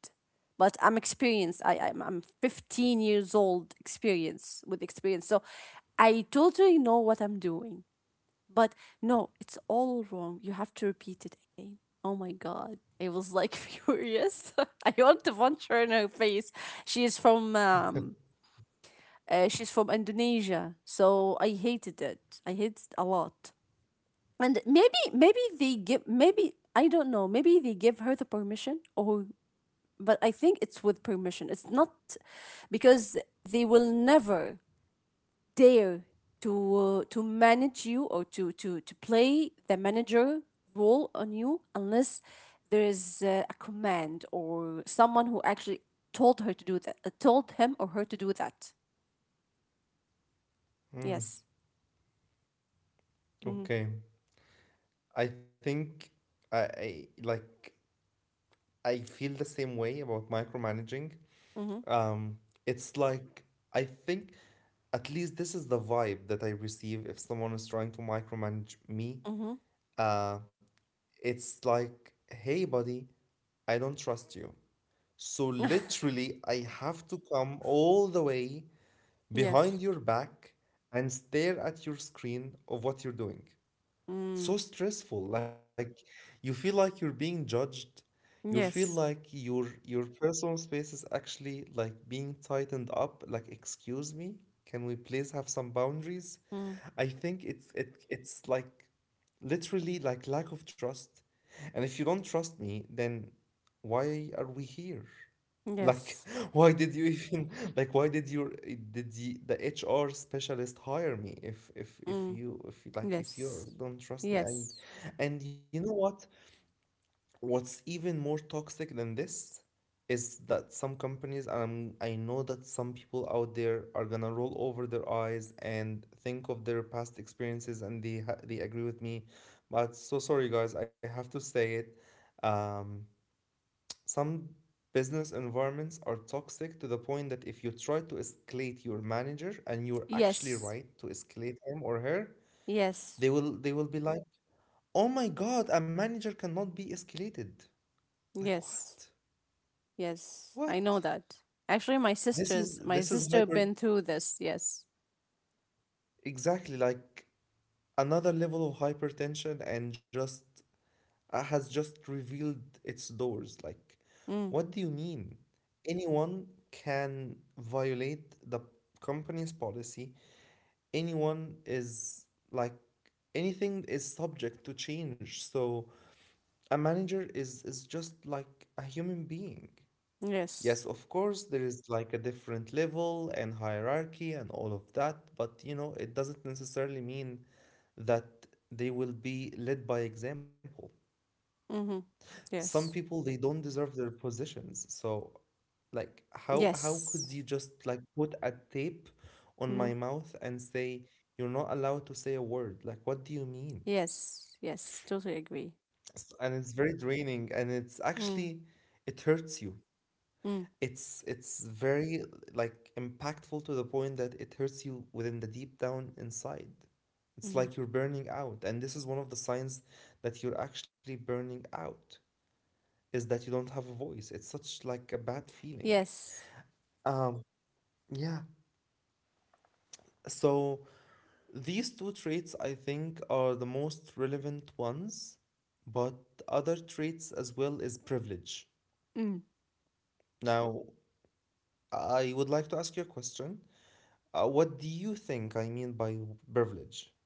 Speaker 2: But I'm experienced. i i'm, I'm fifteen years old experience with experience, so I totally know what I'm doing. But no, it's all wrong, you have to repeat it again. Oh my God, I was like [LAUGHS] furious. [LAUGHS] I want to punch her in her face. she is from um uh, she's from Indonesia, so I hated it. I hated it a lot. And maybe maybe they give maybe, I don't know, maybe they give her the permission. Or, but I think it's with permission. It's not. Because they will never dare to uh, to manage you, or to to to play the manager role on you, unless there is uh, a command, or someone who actually told her to do that, uh, told him or her to do that.
Speaker 1: mm,
Speaker 2: Yes. Mm-hmm.
Speaker 1: okay. I think I, I like I feel the same way about micromanaging.
Speaker 2: Mm-hmm.
Speaker 1: Um, it's like I think at least this is the vibe that I receive if someone is trying to micromanage me.
Speaker 2: Mm-hmm.
Speaker 1: Uh, it's like, hey, buddy, I don't trust you. So literally, I have to come all the way
Speaker 2: [LAUGHS] Yes.
Speaker 1: behind your back and stare at your screen of what you're doing.
Speaker 2: Mm.
Speaker 1: It's so stressful, like you feel like you're being judged, you feel
Speaker 2: Yes.
Speaker 1: like your your personal space is actually like being tightened up. Like, excuse me, can we please have some boundaries?
Speaker 2: Mm.
Speaker 1: I think it's it it's like literally like lack of trust, and if you don't trust me, then why are we here? Like
Speaker 2: Yes.
Speaker 1: [LAUGHS] why did you even, like why did your, did the, the H R specialist hire me if if
Speaker 2: Mm,
Speaker 1: if you if you- like if
Speaker 2: yes.
Speaker 1: you don't trust me?
Speaker 2: Yes.
Speaker 1: and and you know what? What's even more toxic than this is that some companies, and I'm, I know that some people out there are gonna roll over their eyes and think of their past experiences, and they ha- they agree with me. But so sorry, guys, I have to say it. Um, some business environments are toxic to the point that if you try to escalate your manager, and you're actually
Speaker 2: Yes.
Speaker 1: right to escalate him or her,
Speaker 2: Yes.
Speaker 1: they will they will be like, "Oh my God, a manager cannot be escalated." Like
Speaker 2: Yes.
Speaker 1: what?
Speaker 2: Yes. I know
Speaker 1: What?
Speaker 2: that. Actually, my
Speaker 1: This
Speaker 2: sister's
Speaker 1: is
Speaker 2: my
Speaker 1: this is
Speaker 2: sister
Speaker 1: hyper,
Speaker 2: been through this. Yes.
Speaker 1: exactly like another level of hypertension and just uh, has just revealed its doors. Like,
Speaker 2: Mm,
Speaker 1: what do you mean? Anyone can violate the company's policy. Anyone is like, anything is subject to change. So a manager is is just like a human being.
Speaker 2: yes.
Speaker 1: Yes, of course, there is like a different level and hierarchy and all of that, but you know, it doesn't necessarily mean that they will be led by example.
Speaker 2: Mm-hmm.
Speaker 1: Some
Speaker 2: Yes.
Speaker 1: people they don't deserve their positions. So, like how how could
Speaker 2: Yes.
Speaker 1: you just like put a tape on
Speaker 2: Mm-hmm.
Speaker 1: my mouth and say you're not allowed to say a word? Like what do you mean?
Speaker 2: Yes. Yes. Totally agree.
Speaker 1: S- And it's very draining, and it's
Speaker 2: Mm,
Speaker 1: actually, it hurts you.
Speaker 2: mm,
Speaker 1: It's it's very like impactful to the point that it hurts you within the deep down inside. It's
Speaker 2: mm-hmm.
Speaker 1: like you're burning out, and this is one of the signs that you're actually burning out, is that you don't have a voice. It's such like a bad feeling.
Speaker 2: Yes.
Speaker 1: Um, yeah. So these two traits I think are the most relevant ones, but other traits as well is privilege.
Speaker 2: Mm.
Speaker 1: Now, I would like to ask you a question. Uh, what do you think I mean by privilege,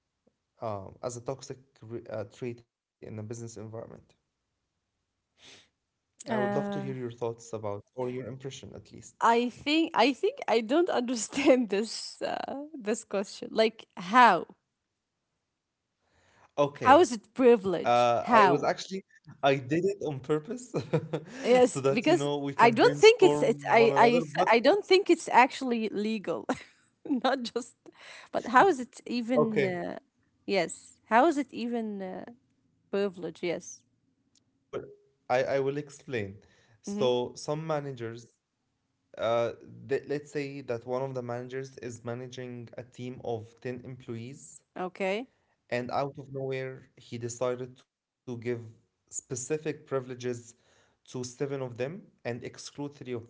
Speaker 1: um, as a toxic re- uh, trait in a business environment? I would love to
Speaker 2: Uh,
Speaker 1: hear your thoughts about, or your impression at least.
Speaker 2: I think I think I don't [LAUGHS] understand this uh, this question. Like, how? How is
Speaker 1: Okay.
Speaker 2: it privilege?
Speaker 1: Uh, I was
Speaker 2: How?
Speaker 1: actually, I did it on purpose [LAUGHS]
Speaker 2: Yes,
Speaker 1: so that, you
Speaker 2: because
Speaker 1: know, we
Speaker 2: I
Speaker 1: can
Speaker 2: don't think it's it's
Speaker 1: brainstorm
Speaker 2: I
Speaker 1: one
Speaker 2: I
Speaker 1: another.
Speaker 2: th-
Speaker 1: But
Speaker 2: I don't think it's actually legal. [LAUGHS] Not just, but how is it even,
Speaker 1: okay,
Speaker 2: uh, yes, how is it even, uh, privilege? Yes.
Speaker 1: I will, I, I will explain.
Speaker 2: Hmm.
Speaker 1: So some managers, uh, th- let's say that one of the managers is managing a team of ten employees.
Speaker 2: Okay.
Speaker 1: And out of nowhere, he decided to give specific privileges to seven of them and exclude three of them.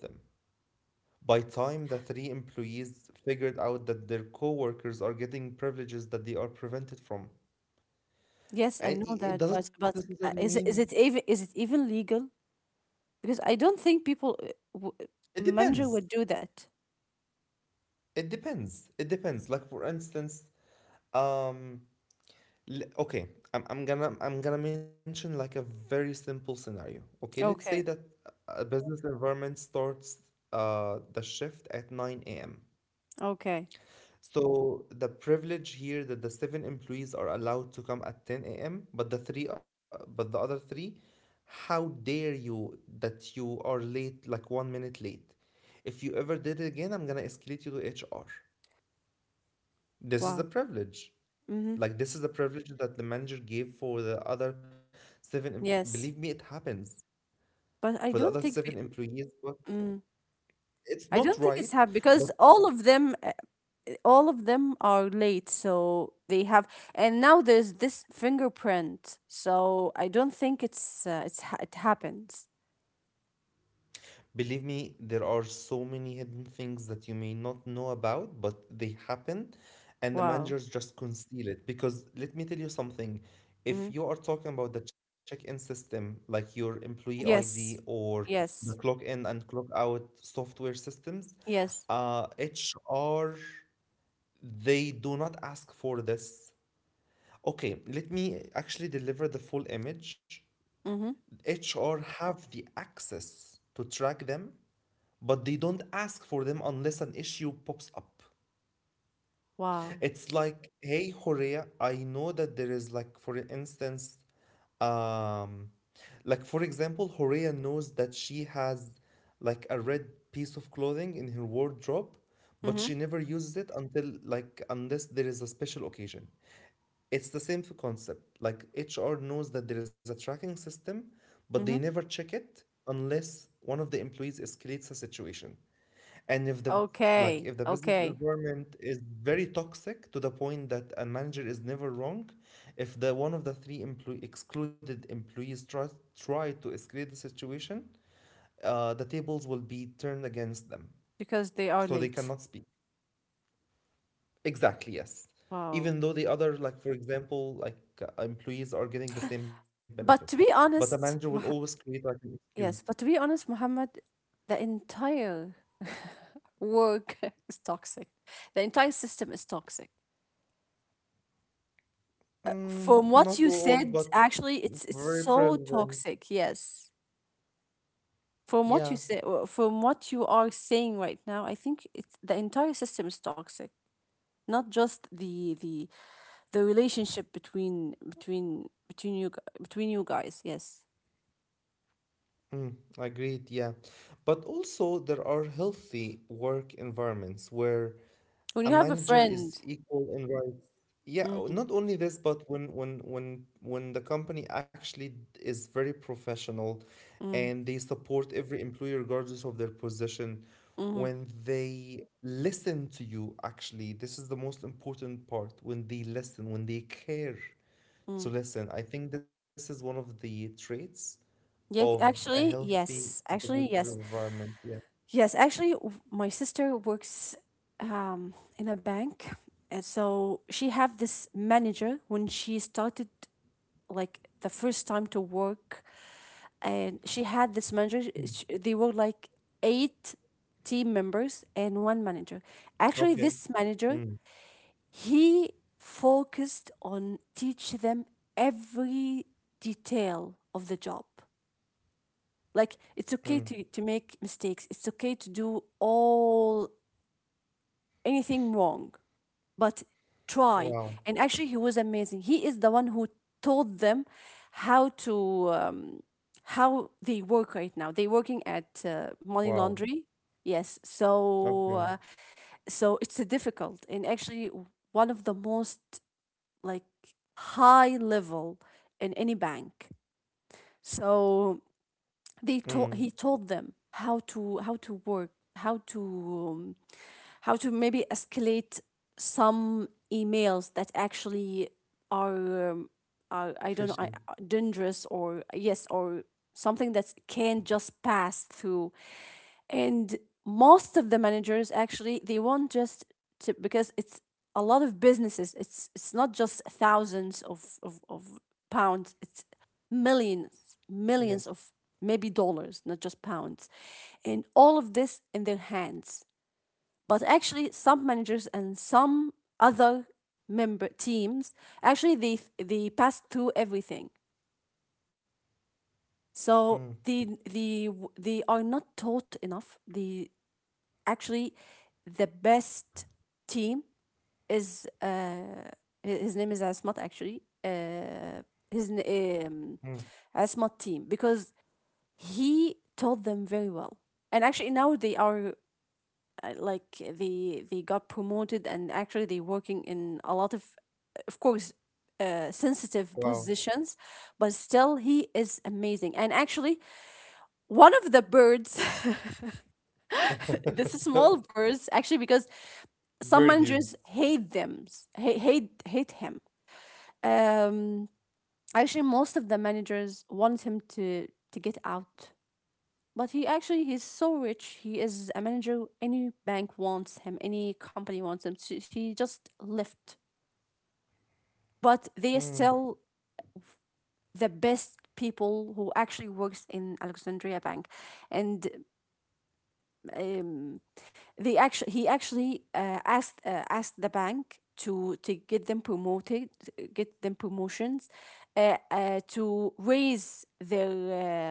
Speaker 1: By time the three employees figured out that their co-workers are getting privileges that they are prevented from.
Speaker 2: Yes, I
Speaker 1: And i-
Speaker 2: know
Speaker 1: it
Speaker 2: that,
Speaker 1: doesn't
Speaker 2: but but
Speaker 1: necessarily
Speaker 2: uh,
Speaker 1: mean,
Speaker 2: is it- is it even is it even legal? Because I don't think people uh, w-
Speaker 1: it
Speaker 2: manja
Speaker 1: depends.
Speaker 2: would do that.
Speaker 1: It depends. It depends. Like for instance, um, L- okay, I'm, I'm gonna i'm gonna mention like a very simple scenario. Okay, let's say
Speaker 2: Okay.
Speaker 1: that a business environment starts uh, the shift at nine a m.
Speaker 2: Okay.
Speaker 1: So the privilege here that the seven employees are allowed to come at ten a m., but the three uh, but the other three, how dare you that you are late like one minute late? If you ever did it again, I'm gonna escalate you to H R. This is the
Speaker 2: Wow.
Speaker 1: privilege.
Speaker 2: Mm-hmm.
Speaker 1: Like this is the privilege that the manager gave for the other seven. em- Believe me, it
Speaker 2: Yes.
Speaker 1: happens
Speaker 2: But
Speaker 1: for the
Speaker 2: I
Speaker 1: other
Speaker 2: don't
Speaker 1: seven
Speaker 2: think pe-
Speaker 1: employees. But
Speaker 2: Mm,
Speaker 1: it's
Speaker 2: I
Speaker 1: not
Speaker 2: don't think it's
Speaker 1: right.
Speaker 2: happened
Speaker 1: But
Speaker 2: because all of them uh, all of them are late, so they have, and now there's this fingerprint, so I don't think it's uh, it's ha- it happens.
Speaker 1: believe me, there are so many hidden things that you may not know about, but they happen, and the
Speaker 2: Wow.
Speaker 1: managers just conceal it. Because let me tell you something.
Speaker 2: Hmm.
Speaker 1: If you are talking about the check-in system, like your employee I D
Speaker 2: Yes,
Speaker 1: or the
Speaker 2: yes,
Speaker 1: clock in and clock out software systems,
Speaker 2: yes.
Speaker 1: uh, H R, they do not ask for this. Okay, let me actually deliver the full image.
Speaker 2: Mm-hmm.
Speaker 1: H R have the access to track them, but they don't ask for them unless an issue pops up.
Speaker 2: Wow.
Speaker 1: It's like, hey, Horea, I know that there is like, for instance, um like for example, Horea knows that she has like a red piece of clothing in her wardrobe, but she
Speaker 2: Mm-hmm.
Speaker 1: never uses it until, like, unless there is a special occasion. It's the same concept. Like H R knows that there is a tracking system, but they
Speaker 2: Mm-hmm.
Speaker 1: never check it unless one of the employees escalates a situation. And if the like
Speaker 2: Okay,
Speaker 1: if the business
Speaker 2: okay,
Speaker 1: environment is very toxic to the point that a manager is never wrong, if the one of the three employee excluded employees try, try to escalate the situation, uh, the tables will be turned against them,
Speaker 2: because they are
Speaker 1: so they
Speaker 2: late.
Speaker 1: cannot speak. Exactly, yes.
Speaker 2: Wow.
Speaker 1: Even though the other, like for example, like uh, employees are getting the same benefit,
Speaker 2: But to
Speaker 1: but
Speaker 2: be
Speaker 1: the manager will
Speaker 2: honest,
Speaker 1: always
Speaker 2: Moh-
Speaker 1: create like an excuse.
Speaker 2: yes, but to be honest, Muhammad, the entire work [LAUGHS] is toxic. The entire system is toxic.
Speaker 1: Mm,
Speaker 2: From what
Speaker 1: not
Speaker 2: you
Speaker 1: all,
Speaker 2: said,
Speaker 1: but
Speaker 2: actually, it's it's
Speaker 1: very
Speaker 2: so
Speaker 1: present.
Speaker 2: toxic. Yes. From what you
Speaker 1: Yeah,
Speaker 2: say, uh, from what you are saying right now, I think it's the entire system is toxic. Not just the the the relationship between between between you gu- between you guys. Yes.
Speaker 1: mm, agreed. Yeah, but also there are healthy work environments where
Speaker 2: When
Speaker 1: a
Speaker 2: you have a
Speaker 1: manager is
Speaker 2: friend.
Speaker 1: equal in rights. Yeah, o-
Speaker 2: Mm,
Speaker 1: not only this, but when when when when the company actually d- is very professional,
Speaker 2: mm,
Speaker 1: and they support every employee regardless of their position,
Speaker 2: mm,
Speaker 1: when they listen to you, actually, this is the most important part. When they listen, when they care
Speaker 2: mm.
Speaker 1: to listen, I think this is one of the traits
Speaker 2: Yeah,
Speaker 1: of a
Speaker 2: actually,
Speaker 1: healthy
Speaker 2: yes. Actually,
Speaker 1: business
Speaker 2: yes.
Speaker 1: environment. Yeah.
Speaker 2: Yes, actually, w- my sister works um, in a bank, and so she have this manager when she started, like, the first time to work. And she had this manager.
Speaker 1: Mm.
Speaker 2: sh- They were like eight team members and one manager. Actually, this
Speaker 1: Okay.
Speaker 2: manager,
Speaker 1: Mm,
Speaker 2: he focused on teach them every detail of the job. Like, it's okay
Speaker 1: mm.
Speaker 2: to to make mistakes, it's okay to do all anything wrong, but try.
Speaker 1: Wow.
Speaker 2: And actually, he was amazing. He is the one who told them how to um, how they work right now. They're working at uh, money
Speaker 1: Wow.
Speaker 2: laundry. Yes, so uh,
Speaker 1: Okay.
Speaker 2: so it's a difficult, and actually w- one of the most, like, high level in any bank. So they told he
Speaker 1: Mm.
Speaker 2: told them how to how to work, how to um, how to maybe escalate some emails that actually are um, are, I don't know I, uh,
Speaker 1: Fishy.
Speaker 2: dangerous or yes, or something that can just pass through. And most of the managers actually, they want just to, because it's a lot of businesses. it's it's not just thousands of of, of pounds, it's millions,
Speaker 1: Yes.
Speaker 2: millions of maybe dollars, not just pounds, and all of this in their hands. But actually some managers and some other member teams actually, they they pass through everything. So
Speaker 1: Mm.
Speaker 2: they they they are not taught enough. They actually, the best team is uh, his name is Asmat, actually. Uh, his um,
Speaker 1: Mm.
Speaker 2: Asmat team, because he taught them very well, and actually now they are uh, like, they they got promoted, and actually they're working in a lot of of course, uh, sensitive
Speaker 1: Wow.
Speaker 2: positions. But still he is amazing, and actually one of the birds. [LAUGHS] This is small
Speaker 1: [LAUGHS]
Speaker 2: birds actually, because some
Speaker 1: Birdies.
Speaker 2: managers hate them, hate hate, hate him. Um, actually most of the managers want him to to get out. But he actually, he's so rich, he is a manager, any bank wants him, any company wants him, so he just left. But they are
Speaker 1: Mm.
Speaker 2: still the best people who actually works in Alexandria Bank. And um, they actually, he actually uh, asked uh, asked the bank to to get them promoted, get them promotions, uh, uh, to raise their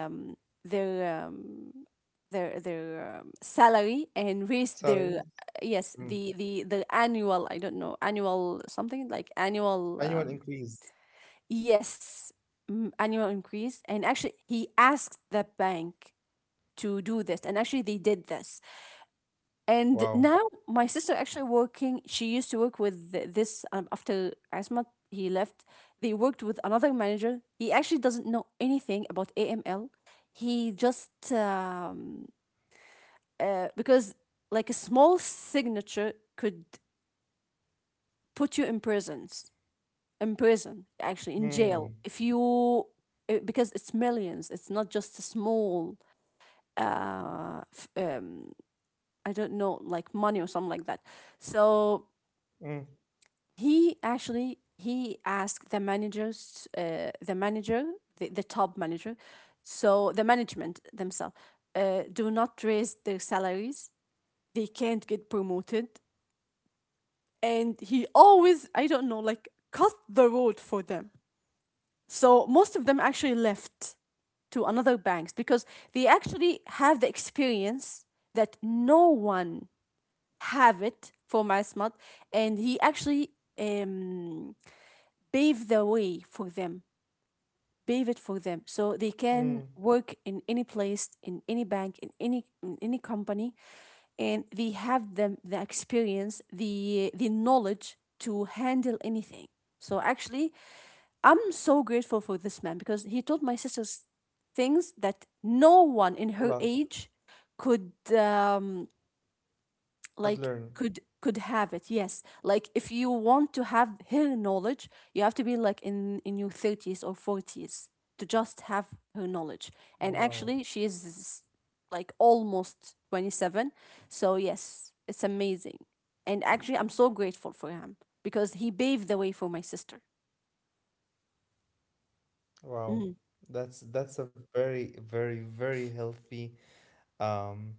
Speaker 2: um, their um, their their um, salary and raise
Speaker 1: Salaries.
Speaker 2: their uh, yes,
Speaker 1: Mm.
Speaker 2: the the the annual, I don't know, annual, something like annual,
Speaker 1: Annual
Speaker 2: um,
Speaker 1: increase.
Speaker 2: yes, mm, annual increase. And actually he asked the bank to do this, and actually they did this. And
Speaker 1: Wow.
Speaker 2: now my sister actually working. She used to work with th- this um, after Asmat, he left. They worked with another manager. He actually doesn't know anything about A M L. He just um, uh, because like a small signature could put you in prisons, in prison actually, in jail,
Speaker 1: Mm.
Speaker 2: if you uh, because it's millions. It's not just a small uh, f- um, I don't know, like money or something like that. So
Speaker 1: Mm.
Speaker 2: he actually, he asked the managers, uh, the manager, the, the top manager, so the management themselves uh, do not raise their salaries, they can't get promoted. And he always, I don't know, like cut the road for them, so most of them actually left to another banks, because they actually have the experience that no one have it for Mass Mod. And he actually um pave the way for them, pave it for them, so they
Speaker 1: Mm.
Speaker 2: can work in any place, in any bank, in any in any company. And they have them the experience, the the knowledge to handle anything. So actually, I'm so grateful for this man, because he told my sisters things that no one in
Speaker 1: Allah.
Speaker 2: her
Speaker 1: Lot.
Speaker 2: age could um,
Speaker 1: Could
Speaker 2: like,
Speaker 1: learn.
Speaker 2: could could have it. Yes, like if you want to have her knowledge, you have to be like in in your thirties or forties to just have her knowledge. And
Speaker 1: Wow.
Speaker 2: actually she is like almost twenty-seven. So yes, it's amazing. And actually I'm so grateful for him because he paved the way for my sister.
Speaker 1: Wow.
Speaker 2: Mm.
Speaker 1: That's that's a very, very, very healthy um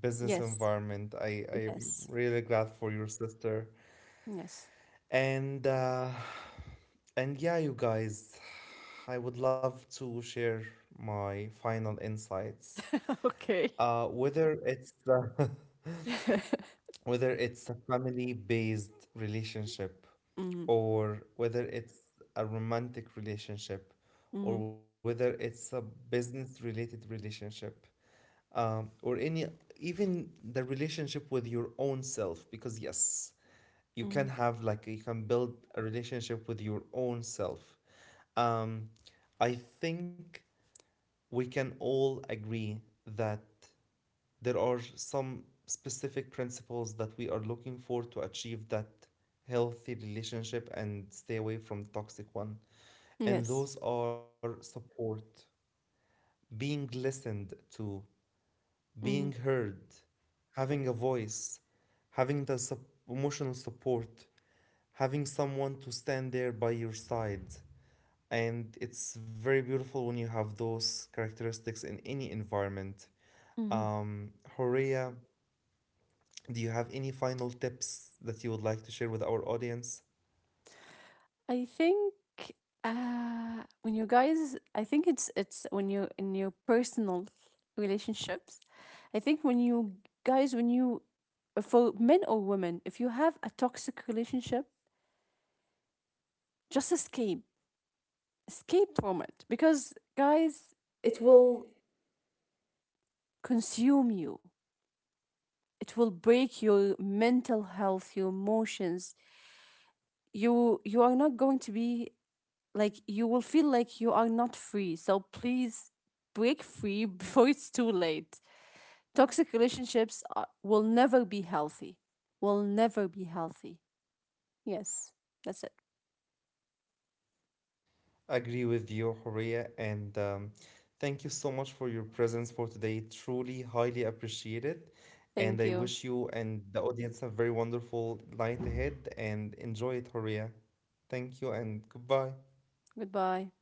Speaker 1: business
Speaker 2: Yes,
Speaker 1: environment. I I'm
Speaker 2: yes,
Speaker 1: really glad for your sister.
Speaker 2: yes.
Speaker 1: And uh, and yeah, you guys, I would love to share my final insights.
Speaker 2: [LAUGHS] Okay.
Speaker 1: Uh, whether it's uh,
Speaker 2: [LAUGHS] Mm-hmm,
Speaker 1: [LAUGHS] whether it's a family-based relationship, or whether it's a romantic relationship, or
Speaker 2: mm-hmm,
Speaker 1: whether it's a business-related relationship, um, or any, even the relationship with your own self, because yes, you
Speaker 2: mm-hmm.
Speaker 1: can have, like you can build a relationship with your own self. Um, I think we can all agree that there are some specific principles that we are looking for to achieve that healthy relationship and stay away from toxic one. And
Speaker 2: Yes.
Speaker 1: those are support, being listened to, being
Speaker 2: Mm-hmm,
Speaker 1: heard, having a voice, having the sup- emotional support, having someone to stand there by your side, and it's very beautiful when you have those characteristics in any environment.
Speaker 2: mm-hmm.
Speaker 1: Um, Horea, do you have any final tips that you would like to share with our audience?
Speaker 2: I think uh, when you guys, I think it's it's when you in your personal relationships, I think when you guys, when you, for men or women, if you have a toxic relationship, just escape, escape from it, because guys, it will consume you. It will break your mental health, your emotions. You you are not going to be like, you will feel like you are not free. So please break free [LAUGHS] before it's too late. Toxic relationships are, will never be healthy. Will never be healthy. Yes, that's it.
Speaker 1: Agree with you, Horea, and um, thank you so much for your presence for today. Truly, highly appreciate it. And I
Speaker 2: Thank you.
Speaker 1: wish you and the audience a very wonderful night ahead and enjoy it, Horea. Thank you and goodbye.
Speaker 2: Goodbye.